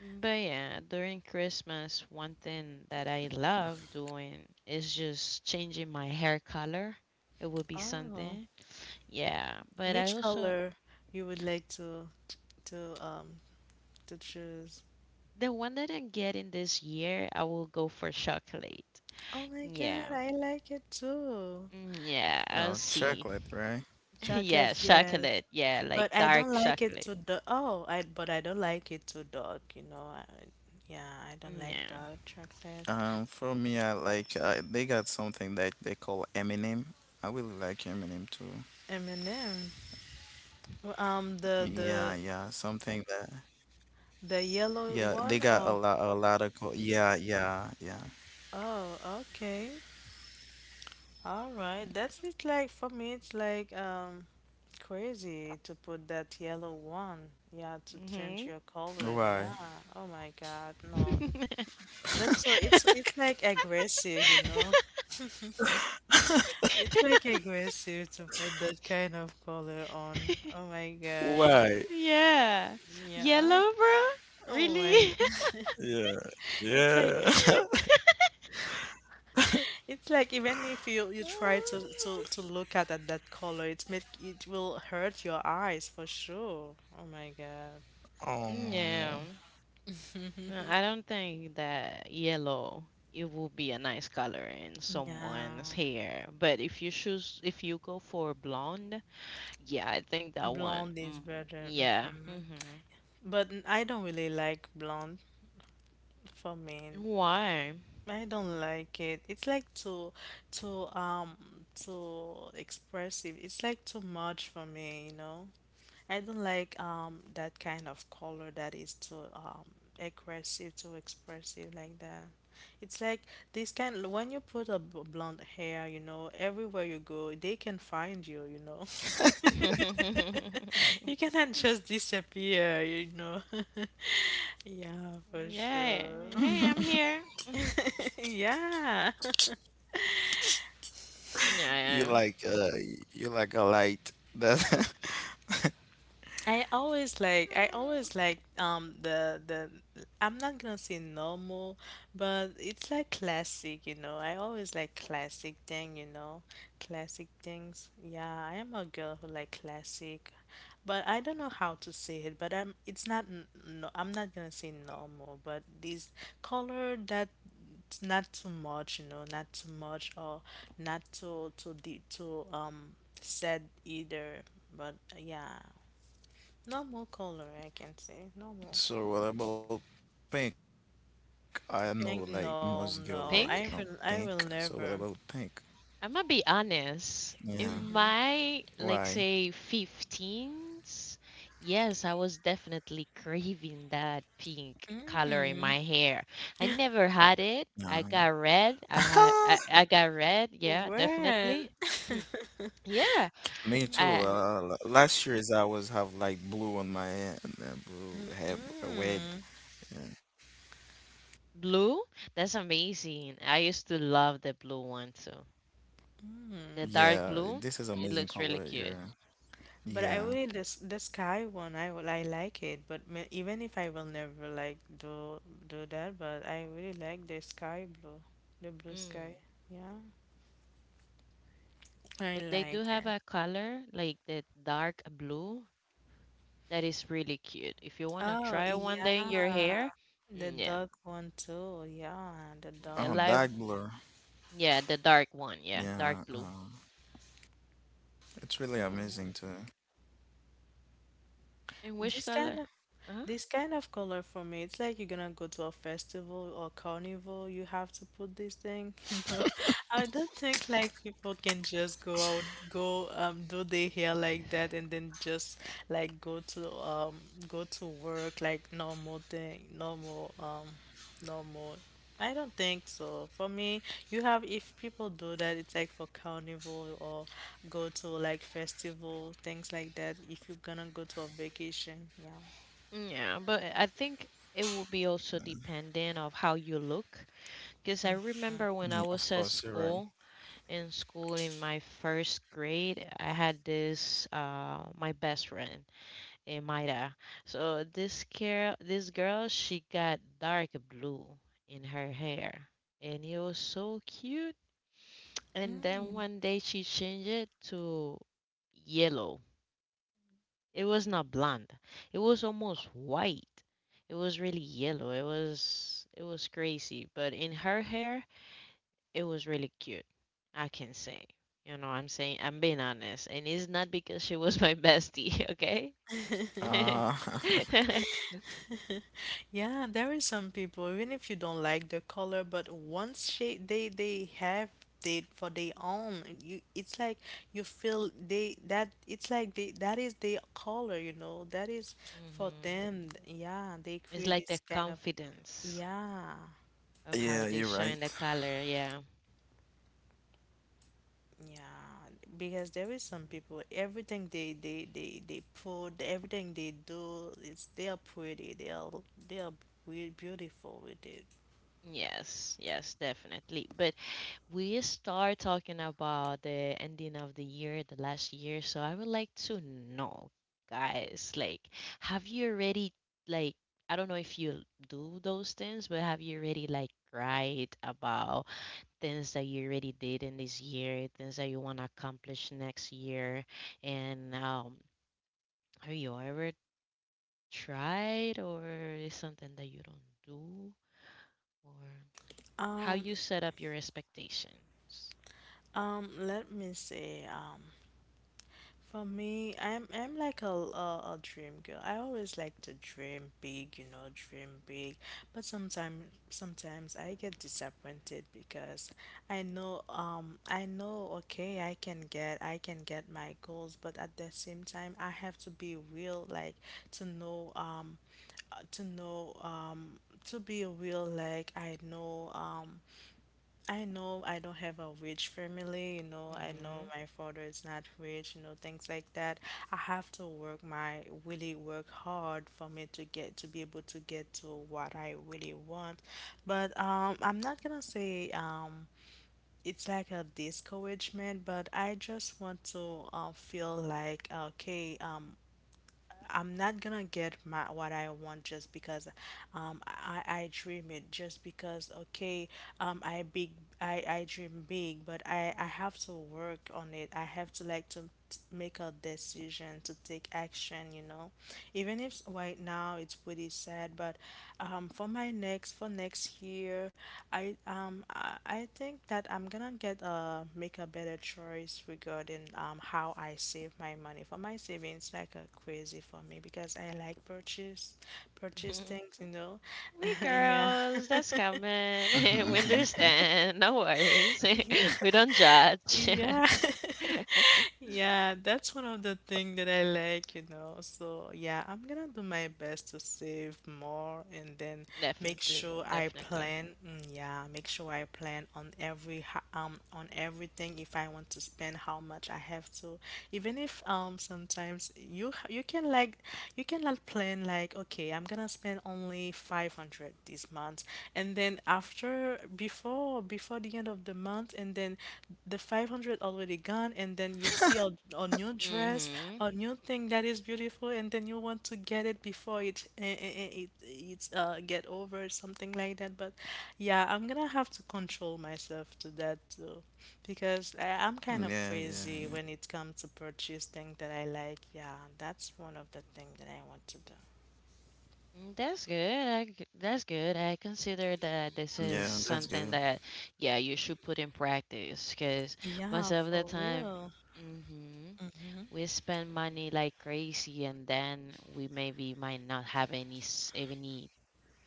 Speaker 2: But yeah, during Christmas, one thing that I love doing is just changing my hair color. It would be
Speaker 1: Oh.
Speaker 2: something. Yeah, but I
Speaker 1: Which
Speaker 2: also...
Speaker 1: color you would like to to um to choose?
Speaker 2: The one that I'm getting this year, I will go for chocolate.
Speaker 1: Oh my God,
Speaker 2: Yeah.
Speaker 1: I like it too.
Speaker 2: Yeah,
Speaker 3: No,
Speaker 2: I'll
Speaker 3: chocolate,
Speaker 2: see.
Speaker 3: right?
Speaker 2: <laughs>
Speaker 1: Chocolate,
Speaker 2: Yeah,
Speaker 1: yes.
Speaker 2: chocolate. Yeah, like
Speaker 1: But I
Speaker 2: dark
Speaker 1: don't like it
Speaker 2: chocolate.
Speaker 1: too dark. Oh, I but I don't like it too dark, you know. I, yeah, I don't like
Speaker 2: Yeah.
Speaker 1: dark chocolate.
Speaker 3: For me, I like they got something that they call M&M. I really like M&M too.
Speaker 1: M&M. Um, the
Speaker 3: Yeah,
Speaker 1: the
Speaker 3: yeah, something that
Speaker 1: the yellow
Speaker 3: yeah they
Speaker 1: one.
Speaker 3: got a
Speaker 1: Oh,
Speaker 3: lot a lot of co yeah yeah yeah.
Speaker 1: oh, okay. All right. That's it. Like for me, it's like crazy to put that yellow one. Yeah, to change
Speaker 2: Mm-hmm.
Speaker 1: your color.
Speaker 3: Why?
Speaker 1: Yeah. Oh my God. No. That's so. It's
Speaker 2: <laughs>
Speaker 1: like aggressive, you know. It's like aggressive to put that kind of color on. Oh my God.
Speaker 3: Why?
Speaker 2: Yeah.
Speaker 1: Yeah.
Speaker 2: Yellow, bro?
Speaker 1: Oh my
Speaker 2: Really? <laughs>
Speaker 1: God.
Speaker 3: Yeah,
Speaker 1: <laughs> It's like
Speaker 3: yeah. <laughs>
Speaker 1: It's like even if you try to look at that, that color, it's make it will hurt your eyes for sure. Oh my God.
Speaker 3: Oh.
Speaker 2: Yeah. I don't think that yellow it will be a nice color in
Speaker 1: Yeah.
Speaker 2: someone's hair. But if you go for blonde, yeah, I think that one.
Speaker 1: Blonde is better.
Speaker 2: Yeah.
Speaker 1: Hmm.
Speaker 2: Hmm.
Speaker 1: But I don't really like blonde for me.
Speaker 2: Why?
Speaker 1: I don't like it. It's like too um too expressive. It's like too much for me, you know? I don't like that kind of color that is too aggressive, too expressive like that. It's like this kind when you put a blonde hair, you know, everywhere you go, they can find you, you know. <laughs>
Speaker 2: <laughs>
Speaker 1: You cannot just disappear, you know. <laughs> Yeah, for
Speaker 2: Yeah.
Speaker 1: sure.
Speaker 2: Hey, I'm here. <laughs>
Speaker 1: <laughs> Yeah.
Speaker 3: You
Speaker 2: Yeah.
Speaker 3: like uh you like a light that
Speaker 1: I always like the I'm not gonna say normal, but it's like classic, you know. I always like classic thing, you know. Classic things. Yeah, I am a girl who like classic. But I don't know how to say it, but I'm it's not no, I'm not gonna say normal, but this color that not too much, you know, not too much or not too deep too said either. But yeah, normal color, I can say.
Speaker 3: <laughs>
Speaker 1: Normal.
Speaker 3: so what about pink? I know like most girl like
Speaker 1: Pink? No,
Speaker 3: pink. So
Speaker 1: no.
Speaker 3: what about
Speaker 2: Pink?
Speaker 3: pink?
Speaker 1: I will never.
Speaker 2: I'm gonna
Speaker 3: Yeah.
Speaker 2: be honest. In
Speaker 3: Why?
Speaker 2: my, like, say, 15s, yes, I was definitely craving that pink color in
Speaker 1: Mm.
Speaker 2: my hair. I
Speaker 1: <laughs>
Speaker 2: never
Speaker 3: No.
Speaker 2: had it. I got
Speaker 3: <laughs>
Speaker 2: red. I got red. Yeah,
Speaker 1: Red.
Speaker 2: definitely. <clears throat>
Speaker 1: <laughs>
Speaker 2: Yeah,
Speaker 3: Me too.
Speaker 2: I...
Speaker 1: Mm,
Speaker 3: Last year's I was have like blue on my hair and then blue hair, red.
Speaker 1: mm,
Speaker 3: And-
Speaker 2: Blue? That's amazing. I used to love the blue one too. The
Speaker 1: mm.
Speaker 3: Yeah,
Speaker 2: dark
Speaker 3: this
Speaker 2: blue,
Speaker 3: is amazing
Speaker 2: it looks
Speaker 3: color.
Speaker 2: really
Speaker 3: Yeah.
Speaker 2: cute.
Speaker 1: But I
Speaker 3: Yeah.
Speaker 1: really this the sky one. I like it. But even if I will never like do that, but I really like the sky blue, the blue sky.
Speaker 2: Mm.
Speaker 1: Yeah, I
Speaker 2: But they do
Speaker 1: like
Speaker 2: have
Speaker 1: it.
Speaker 2: a color like the dark blue that is really cute. If you want to
Speaker 1: Oh
Speaker 2: try it one day in
Speaker 1: yeah,
Speaker 2: your hair,
Speaker 1: the
Speaker 2: yeah,
Speaker 1: dark one too. Yeah, the
Speaker 2: the
Speaker 1: dark
Speaker 3: Oh,
Speaker 2: light,
Speaker 3: dark blue.
Speaker 2: yeah, the dark one, yeah, dark
Speaker 3: Yeah.
Speaker 2: blue.
Speaker 3: It's really amazing
Speaker 1: one.
Speaker 3: too.
Speaker 2: And which
Speaker 1: This
Speaker 2: color?
Speaker 1: kind of
Speaker 2: Uh-huh.
Speaker 1: this kind of color for me, it's like you're gonna go to a festival or carnival, you have to put this thing, <laughs> you know. I don't think like people can just go out, go do their hair like that and then just like go to work like normal thing, normal. I don't think so. For me, you have if people do that, it's like for carnival or go to like festival, things like that. If you're gonna go to a vacation, yeah.
Speaker 2: Yeah, but I think it will be also dependent of how you look. Because I
Speaker 3: Yeah,
Speaker 2: remember when
Speaker 3: of
Speaker 2: I was
Speaker 3: course, you're
Speaker 2: at
Speaker 3: right.
Speaker 2: school, in school in my first grade, I had this my best friend Maida. So this girl, she got dark blue in her hair, and it was so cute. And then
Speaker 1: Mm.
Speaker 2: one day she changed it to yellow. It was not blonde, it was almost white, it was really yellow. It was crazy, but in her hair it was really cute, I can say. You know, I'm saying I'm being honest, and it's not because she was my bestie, <laughs> okay? <laughs>
Speaker 1: <laughs>
Speaker 3: Uh, <laughs>
Speaker 2: Hmm.
Speaker 1: Yeah, there is some people, even if you don't like the color, but they have it for their own, you it's like you feel they that it's like they that is their color, you know. That is for them. Yeah, they
Speaker 2: It's
Speaker 1: create
Speaker 2: like the
Speaker 1: this kind of
Speaker 2: confidence
Speaker 1: yeah.
Speaker 2: of
Speaker 3: Yeah,
Speaker 2: how
Speaker 3: you're
Speaker 2: they
Speaker 3: right.
Speaker 2: shine the color, yeah.
Speaker 1: Yeah, because there is some people, everything they put, everything they do, it's they are pretty, they are really beautiful with it.
Speaker 2: Yes, yes, definitely. But we start talking about the ending of the year, the last year. So I would like to know, guys, like, have you already, like, I don't know if you do those things, but have you already, like, cried about things that you already did in this year, things that you want to accomplish next year? And have you ever tried, or is something that you don't do? Or how
Speaker 1: Um,
Speaker 2: you set up your expectations.
Speaker 1: Let me see. For me, I'm like a dream girl. I always like to dream big, you know, dream big. But sometimes I get disappointed because I know okay I can get my goals, but at the same time I have to be real, like to know to know to be real, like I know I don't have a rich family, you know, I know
Speaker 2: Mm-hmm.
Speaker 1: my father is not rich, you know, things like that. I have to work my really work hard for me to get to be able to get to what I really want. But I'm not gonna say it's like a discouragement, but I just want to feel like okay, I'm not gonna get my what I want just because I dream it just because okay um I big I dream big but I have to work on it. I have to like to make a decision to take action, you know. Even if right now it's pretty sad, but for my next for next year, I think that I'm gonna get make a better choice regarding how I save my money. For my savings, like a crazy for me because I like purchase
Speaker 2: <laughs>
Speaker 1: things, you know.
Speaker 2: We
Speaker 1: <laughs> Yeah.
Speaker 2: girls, that's coming. <laughs>
Speaker 3: Mhm,
Speaker 2: We
Speaker 1: <laughs>
Speaker 3: mhm.
Speaker 2: understand. No worries. <laughs> We don't judge.
Speaker 1: Yeah,
Speaker 2: <laughs>
Speaker 1: <laughs> Yeah, that's one of the thing that I like, you know. So, yeah, I'm gonna do my best to save more and then make
Speaker 2: Definitely,
Speaker 1: sure I
Speaker 2: definitely.
Speaker 1: plan. Mm, yeah, make sure I plan on everything if I want to spend how much I have to. Even if sometimes you can like plan like okay, I'm gonna spend only 500 this month and then after before the end of the month and then the 500 already gone and then you see a new dress,
Speaker 2: Mm-hmm.
Speaker 1: a new thing that is beautiful and then you want to get it before it eh, eh, eh, it it's get over something like that, but yeah I'm gonna have to control myself to that too
Speaker 3: Yeah, yeah,
Speaker 1: because
Speaker 3: yeah.
Speaker 1: I'm kind of crazy when it comes to purchase things that I like. Yeah, that's one of the things that I want to do.
Speaker 2: That's good. That's good. I consider
Speaker 3: Yeah,
Speaker 2: that
Speaker 3: that's
Speaker 2: this
Speaker 3: good.
Speaker 2: is something that, yeah, you should put in practice because most
Speaker 1: Yeah,
Speaker 2: of the
Speaker 1: for
Speaker 2: time,
Speaker 1: real.
Speaker 2: mm-hmm,
Speaker 1: Hmm.
Speaker 2: we spend money like crazy and then we maybe might not have any any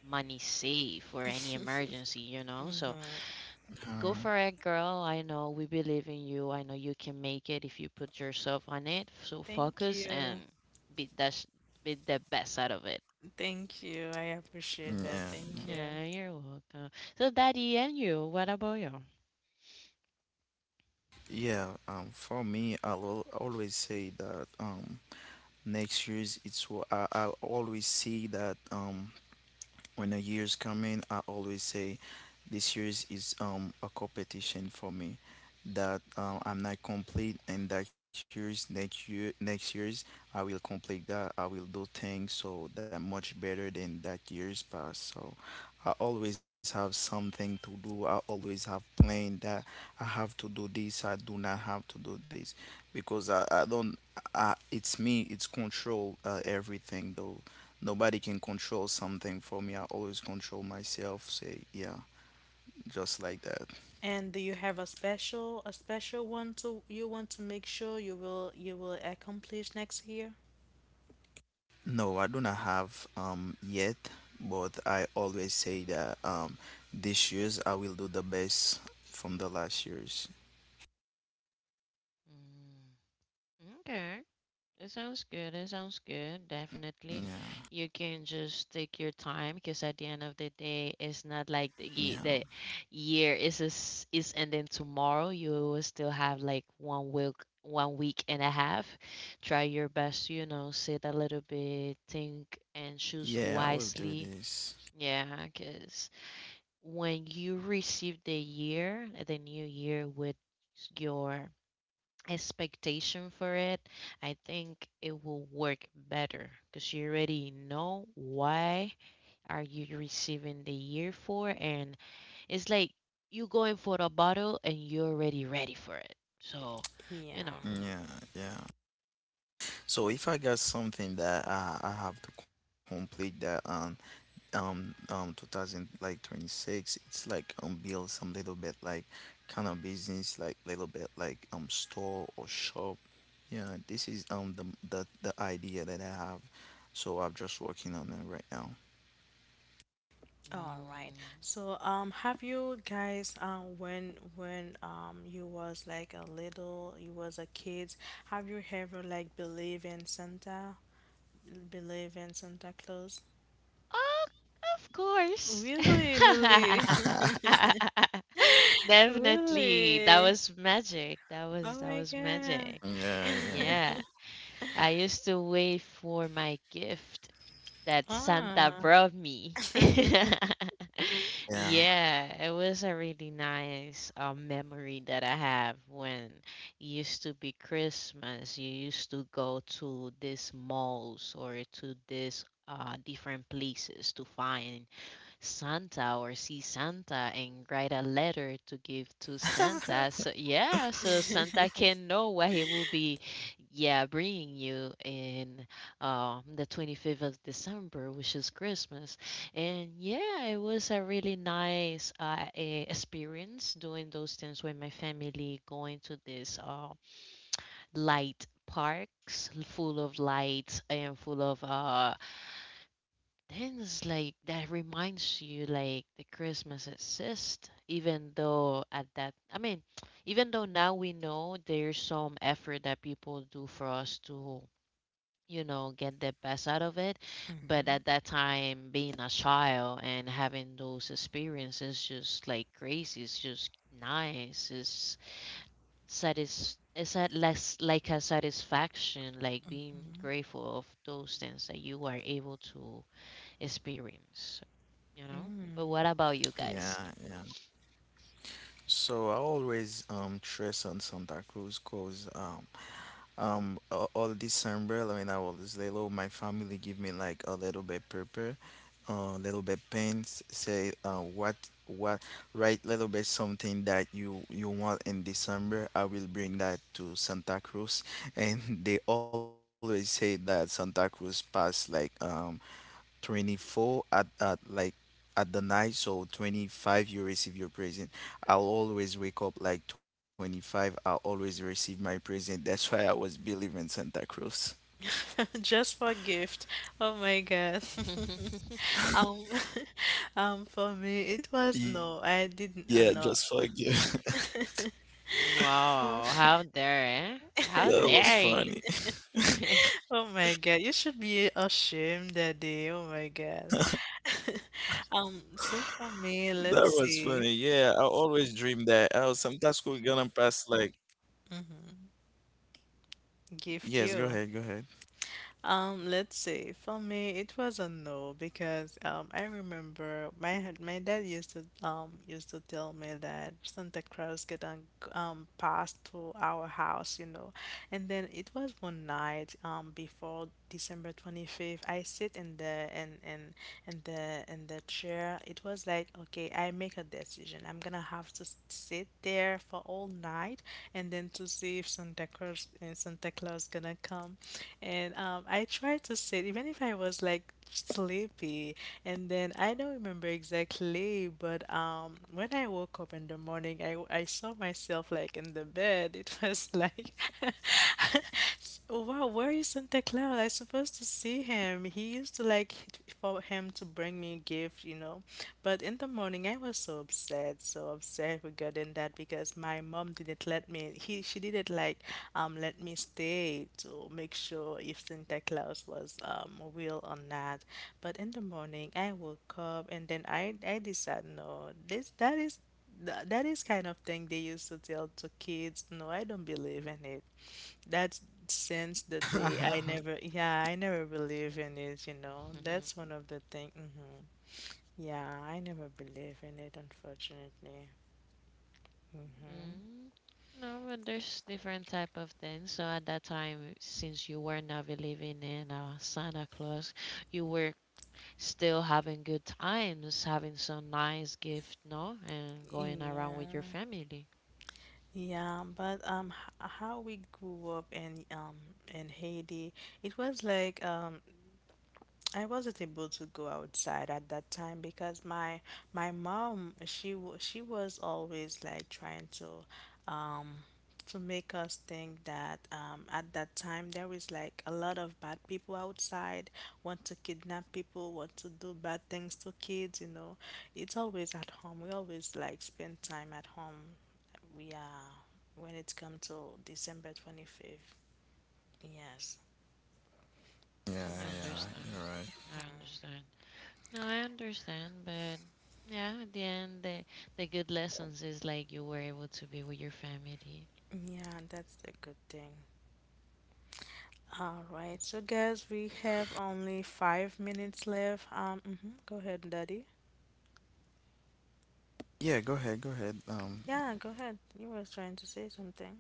Speaker 2: money saved for any emergency, you know. So
Speaker 1: Hmm.
Speaker 3: Um,
Speaker 2: go for it, girl. I know we believe in you. I know you can make it if you put yourself on it. So
Speaker 1: Thank
Speaker 2: focus and
Speaker 1: you.
Speaker 2: be the sh- be the best out of it.
Speaker 1: Thank you. I appreciate
Speaker 3: yeah,
Speaker 1: that. Thank you.
Speaker 2: Yeah, you're welcome. So, Daddy, and you, what about you?
Speaker 3: yeah. For me, I'll always say that next years it's what I always see that when a year's coming, I always say this year's is a competition for me. That I'm not complete, and that year's next year's I will complete that. I will do things so that much better than that year's past. So I always have something to do. I always have plan that I have to do this. I do not have to do this because I don't. It's me. It's control everything though. Nobody can control something for me. I always control myself. Say, yeah, just like that.
Speaker 1: And do you have a special one to you want to make sure you will accomplish next year?
Speaker 3: No, I do not have yet, but I always say that this year's I will do the best from the last year's.
Speaker 2: Mm, okay. It sounds good. It sounds good. Definitely.
Speaker 3: Yeah,
Speaker 2: You can just take your time because at the end of the day, it's not like
Speaker 3: yeah,
Speaker 2: the year is ending tomorrow. You will still have like one week and a half. Try your best, you know, sit a little bit, think and
Speaker 3: yeah. I will
Speaker 2: choose
Speaker 3: do this.
Speaker 2: wisely. Yeah, because when you receive the year, the new year with your expectation for it, I think it will work better because you already know why are you receiving the year for, and it's like you going for the bottle and you're already ready for it. So,
Speaker 1: Yeah.
Speaker 2: you know,
Speaker 3: Yeah, yeah. So if I got something that I have to complete that 2000 like 26, it's like build some little bit like kind of business like little bit like store or shop, yeah, this is the idea that I have, so I'm just working on it right now.
Speaker 1: All right.
Speaker 2: mm.
Speaker 1: So, have you guys, when you was like a little, you was a kid, have you ever like believe in Santa Claus?
Speaker 2: Oh, of course.
Speaker 1: Really, Lily?
Speaker 2: <laughs>
Speaker 3: <laughs>
Speaker 1: <laughs>
Speaker 2: Definitely. That
Speaker 1: Really?
Speaker 2: was magic. That
Speaker 1: Oh
Speaker 2: was that
Speaker 1: my
Speaker 2: was
Speaker 1: God.
Speaker 2: magic.
Speaker 3: Yeah, yeah,
Speaker 2: Yeah. I used to wait for my gift that Santa
Speaker 1: Ah.
Speaker 2: brought me. <laughs>
Speaker 3: yeah,
Speaker 2: Yeah, it was a really nice memory that I have when it used to be Christmas. You used to go to these malls or to these different places to find Santa or see Santa and write a letter to give to Santa. So yeah, so Santa
Speaker 1: <laughs>
Speaker 2: can know what he will be, yeah, bringing you in the 25th of December, which is Christmas. And yeah, it was a really nice experience doing those things with my family, going to this light parks full of lights and full of then it's like that reminds you like the Christmas exists, even though at that I mean, <tsk> even though now we know there's some effort that people do for us to, you know, get the best out of it. But
Speaker 1: Mhm.
Speaker 2: at that time, being a child and having those experiences just like crazy, it's just nice. It's satis it's at less like a satisfaction, like being grateful of those things that you are able to experience, you know. But what about you
Speaker 3: yeah, yeah,
Speaker 2: guys?
Speaker 3: so I always trace on Santa Cruz cause all December when I was little, my family give me like a little bit paper, a little bit pens, say what write little bit something that you want in December, I will bring that to Santa Cruz, and <laughs> they always say that Santa Cruz pass like 24 at like at the night, so 25 you receive your present. I'll always wake up like 25, I'll always receive my present, that's why I was
Speaker 1: <laughs>
Speaker 3: believing
Speaker 1: Just for
Speaker 3: Santa
Speaker 1: gift.
Speaker 3: Cruz.
Speaker 1: Oh my God. <laughs>
Speaker 2: <laughs>
Speaker 1: Um, <laughs> for me, it was no, I didn't.
Speaker 3: Yeah,
Speaker 1: No.
Speaker 3: just fuck you. <laughs>
Speaker 2: Mm,
Speaker 1: Oh,
Speaker 2: wow, how dare, eh? How
Speaker 3: That was
Speaker 2: dare you?
Speaker 3: funny.
Speaker 2: <laughs>
Speaker 1: <laughs> oh my God, you should be ashamed that day. Oh my God. So for me, let's
Speaker 3: That
Speaker 1: see.
Speaker 3: was funny. Yeah, I always dream that oh sometimes we're gonna pass like
Speaker 1: Gift you.
Speaker 3: yes go ahead go ahead.
Speaker 1: Let's see. For me, it was a no because I remember my dad used to used to tell me that Santa Claus get on passed to our house, you know, and then it was one night before December 25th. I sit in the in the chair. It was like okay, I make a decision. I'm gonna have to sit there for all night and then to see if Santa Claus gonna come. And I tried to sit, even if I was like sleepy. And then I don't remember exactly, but when I woke up in the morning, I saw myself like in the bed. It was like, <laughs> wow, where is Santa Claus? I supposed to see him. He used to like for him to bring me gift, you know. But in the morning, I was so upset regarding that because my mom didn't let me. He She didn't like let me stay to make sure if Santa Claus was real or not. But in the morning, I woke up and then I decided, no, this that is that is kind of thing they used to tell to kids. No, I don't believe in it. That's since the day I never, yeah, I never
Speaker 3: <laughs>
Speaker 1: believe
Speaker 3: Yeah,
Speaker 1: in it, That's one of the thing. Yeah, I never believe in it, unfortunately.
Speaker 2: Mm. No, but there's different type of things. So at that time, since you were not believing in Santa Claus, you were still having good times, having some nice gift, no, and going around with your
Speaker 1: Yeah.
Speaker 2: family.
Speaker 1: Yeah, but how we grew up in Haiti, it was like I wasn't able to go outside at that time because my mom she was always like trying um to make us think that at that time there is like a lot of bad people outside, want to kidnap people, want to do bad things to kids. It's always at home, we always like spend time at home. We are, when it comes to December 25th, yes,
Speaker 2: Mm,
Speaker 1: that's
Speaker 2: understand. I understand.
Speaker 3: yeah, you're
Speaker 2: No,
Speaker 3: right,
Speaker 2: I understand, but yeah, at the end, the good lessons is like you were able to be with your family.
Speaker 1: yeah, that's the good thing. All right, so guys, we have only 5 minutes left. Mhm, Go ahead, Daddy. Yeah,
Speaker 3: yeah,
Speaker 1: go
Speaker 3: go ahead,
Speaker 1: ahead.
Speaker 3: go
Speaker 1: You
Speaker 3: ahead.
Speaker 1: were trying to say something.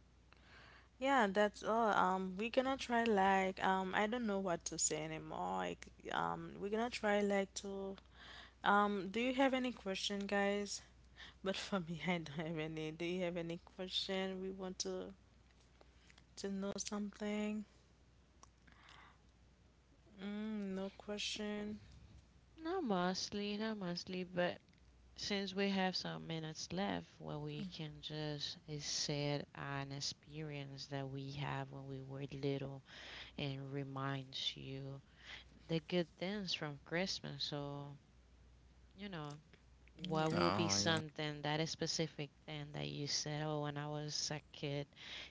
Speaker 3: No, no, go ahead.
Speaker 1: Yeah, that's all. We're gonna try like I don't know what to say anymore. Like, we're gonna try like to do you have any question, guys? <laughs> But for me, <laughs> I don't have any. Do you have any question? We want to know something. Mm, no question.
Speaker 2: Not mostly, not mostly, but since we have some minutes left, well, we can just set an experience that we have when we were little and reminds you the good things from Christmas. So, you know, what
Speaker 1: Yeah.
Speaker 2: would be something that is
Speaker 3: Oh
Speaker 2: specific then that you said, oh, when I was a kid,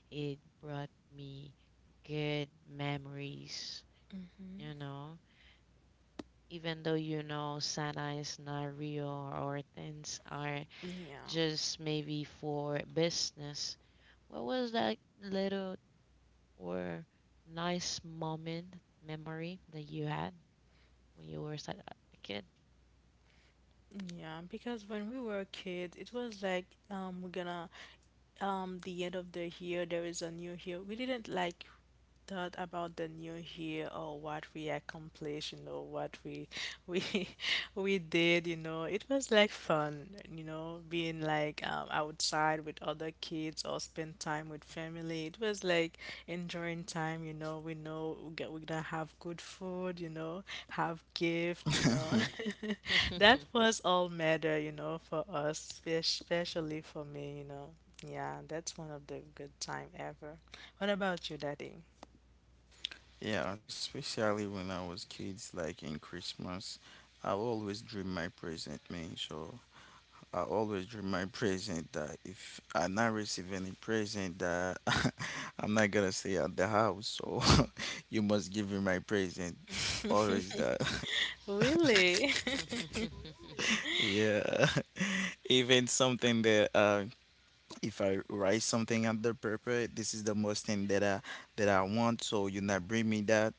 Speaker 2: it brought me good memories,
Speaker 1: Mm-hmm.
Speaker 2: you know? Even though you know Santa is not real or things are
Speaker 1: Yeah.
Speaker 2: just maybe for business, what was that little or nice moment, memory that you had when you were a kid?
Speaker 1: Yeah, because when we were kids, it was like we're gonna the end of the year there is a new year. We didn't like thought about the new year or what we accomplished, what we <laughs> we did, it was like fun, being like outside with other kids or spend time with family. It was like enjoying time, We know we get, we're gonna have good food, have gift,
Speaker 3: yeah. <laughs>
Speaker 1: <laughs> That was all matter, for us, especially for me, Yeah, that's one of the good time ever. What about you, Daddy?
Speaker 3: Yeah, especially when I was kids, like in Christmas, I always dream my present, man. So I always dream my present that if I not receive any present, that <laughs> I'm not gonna stay at the house. So <laughs> you must give me my present. Always that. <laughs>
Speaker 1: <laughs> Really? <laughs>
Speaker 3: Yeah. <laughs> Even something that if I write something on the paper, this is the most thing that I want. So you not bring me that.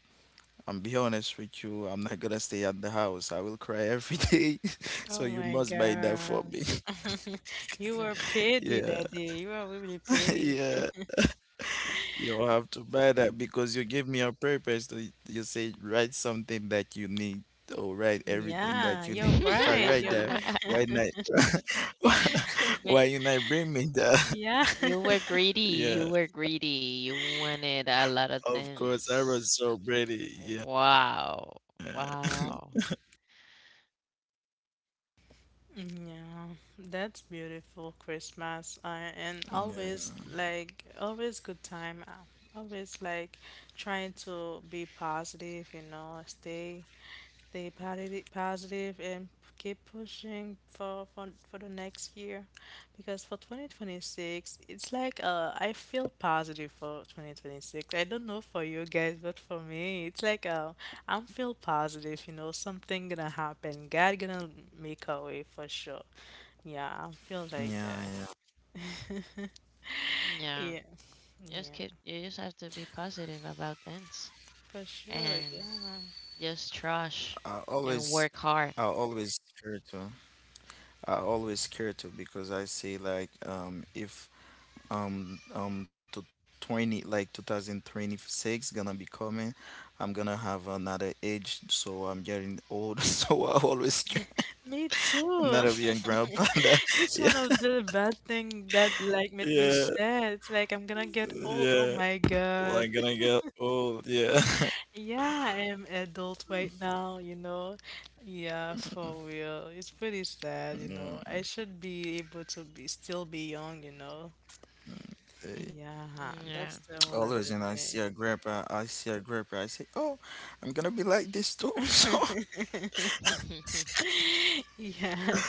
Speaker 3: I'm be honest with you, I'm not gonna stay at the house. I will cry every <laughs> day. So
Speaker 1: Oh
Speaker 3: you
Speaker 1: my
Speaker 3: must buy that for
Speaker 1: God.
Speaker 3: me. <laughs>
Speaker 1: <laughs> You were petty
Speaker 3: Yeah,
Speaker 1: that day. You were really
Speaker 3: <laughs>
Speaker 1: petty.
Speaker 3: yeah. You have to buy that because you give me a purpose. To, you say write something that you need or write everything
Speaker 1: Yeah,
Speaker 3: that you
Speaker 1: you're
Speaker 3: need. If I
Speaker 1: right.
Speaker 3: write
Speaker 1: You're
Speaker 3: that,
Speaker 1: right.
Speaker 3: why
Speaker 2: <laughs>
Speaker 3: not?
Speaker 2: <laughs>
Speaker 3: <laughs> Why
Speaker 2: Ma-
Speaker 3: you not bring me
Speaker 1: <laughs>
Speaker 3: that?
Speaker 1: Yeah.
Speaker 2: You were
Speaker 1: <laughs>
Speaker 3: <laughs>
Speaker 2: greedy.
Speaker 3: Yeah,
Speaker 2: You were greedy. You wanted a lot of
Speaker 3: of course. I
Speaker 2: things.
Speaker 3: was so ready. Yeah,
Speaker 2: Wow. Wow.
Speaker 1: Yeah, that's beautiful Christmas. And always
Speaker 3: yeah,
Speaker 1: like always good time. Always like trying to be positive, stay. Stay positive, positive and keep pushing for, for the next year because for 2026 it's like I feel positive for 2026. I don't know for you guys, but for me it's like I'm feel positive, something gonna happen. God gonna make a way for sure. Yeah, I feel
Speaker 3: yeah,
Speaker 1: like
Speaker 3: yeah.
Speaker 1: that.
Speaker 2: Yeah.
Speaker 1: Yeah,
Speaker 2: Just
Speaker 1: yeah,
Speaker 2: keep, you just have to be positive about things
Speaker 1: for sure. Yeah.
Speaker 2: and just trust
Speaker 3: I
Speaker 2: and
Speaker 3: always,
Speaker 2: work
Speaker 3: I
Speaker 2: hard.
Speaker 3: always care too. I always care to because I say like if to 20 like 2026 gonna be coming, I'm gonna have another age, so I'm getting old <laughs> so I always care.
Speaker 1: Me
Speaker 3: I'm not a
Speaker 1: too.
Speaker 3: young grandpa <laughs> that,
Speaker 1: <laughs> It's
Speaker 3: yeah,
Speaker 1: one of the bad thing that like made me
Speaker 3: yeah,
Speaker 1: sad. It's like I'm gonna get old. Oh
Speaker 3: yeah,
Speaker 1: my
Speaker 3: well,
Speaker 1: God.
Speaker 3: I'm gonna get old, yeah. <laughs>
Speaker 1: Yeah, I am adult right now, Yeah, for real. It's pretty sad,
Speaker 3: Mm,
Speaker 1: I should be able to be still be young,
Speaker 3: eh,
Speaker 1: Yeah, that's
Speaker 2: Yeah.
Speaker 1: the
Speaker 3: always,
Speaker 1: one
Speaker 3: and
Speaker 1: of
Speaker 3: I
Speaker 1: the
Speaker 3: see a
Speaker 1: thing. <laughs>
Speaker 3: grandpa I see a grandpa I say oh, I'm gonna be like this too, <laughs> so
Speaker 2: <laughs>
Speaker 1: Yeah.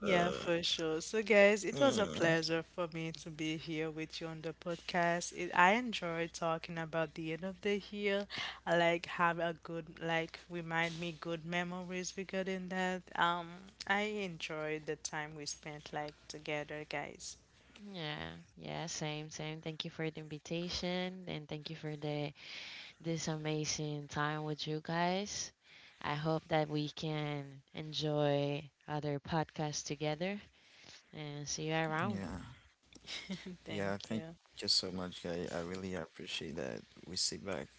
Speaker 1: Yeah, for sure. So, guys, it was a
Speaker 3: mm,
Speaker 1: pleasure for me to be here with you on the podcast. It, I enjoyed talking about the end of the year. I like have a good like remind me good memories regarding that. I enjoyed the time we spent like together, guys.
Speaker 2: Yeah. Yeah. Same. Same. Thank you for the invitation and thank you for the this amazing time with you guys. I hope that we can enjoy other podcasts together and see you around.
Speaker 3: yeah.
Speaker 1: <laughs>
Speaker 3: Yeah,
Speaker 1: Thank
Speaker 3: thank you
Speaker 1: you.
Speaker 3: so much, guy. I really appreciate that. We sit back. Yeah,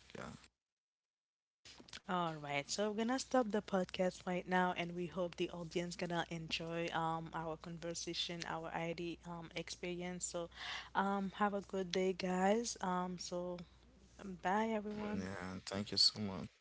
Speaker 1: All right, so we're gonna stop the podcast right now, and we hope the audience gonna enjoy our conversation, our ID experience. So, have a good day, guys. Bye everyone.
Speaker 3: yeah. Thank you so much.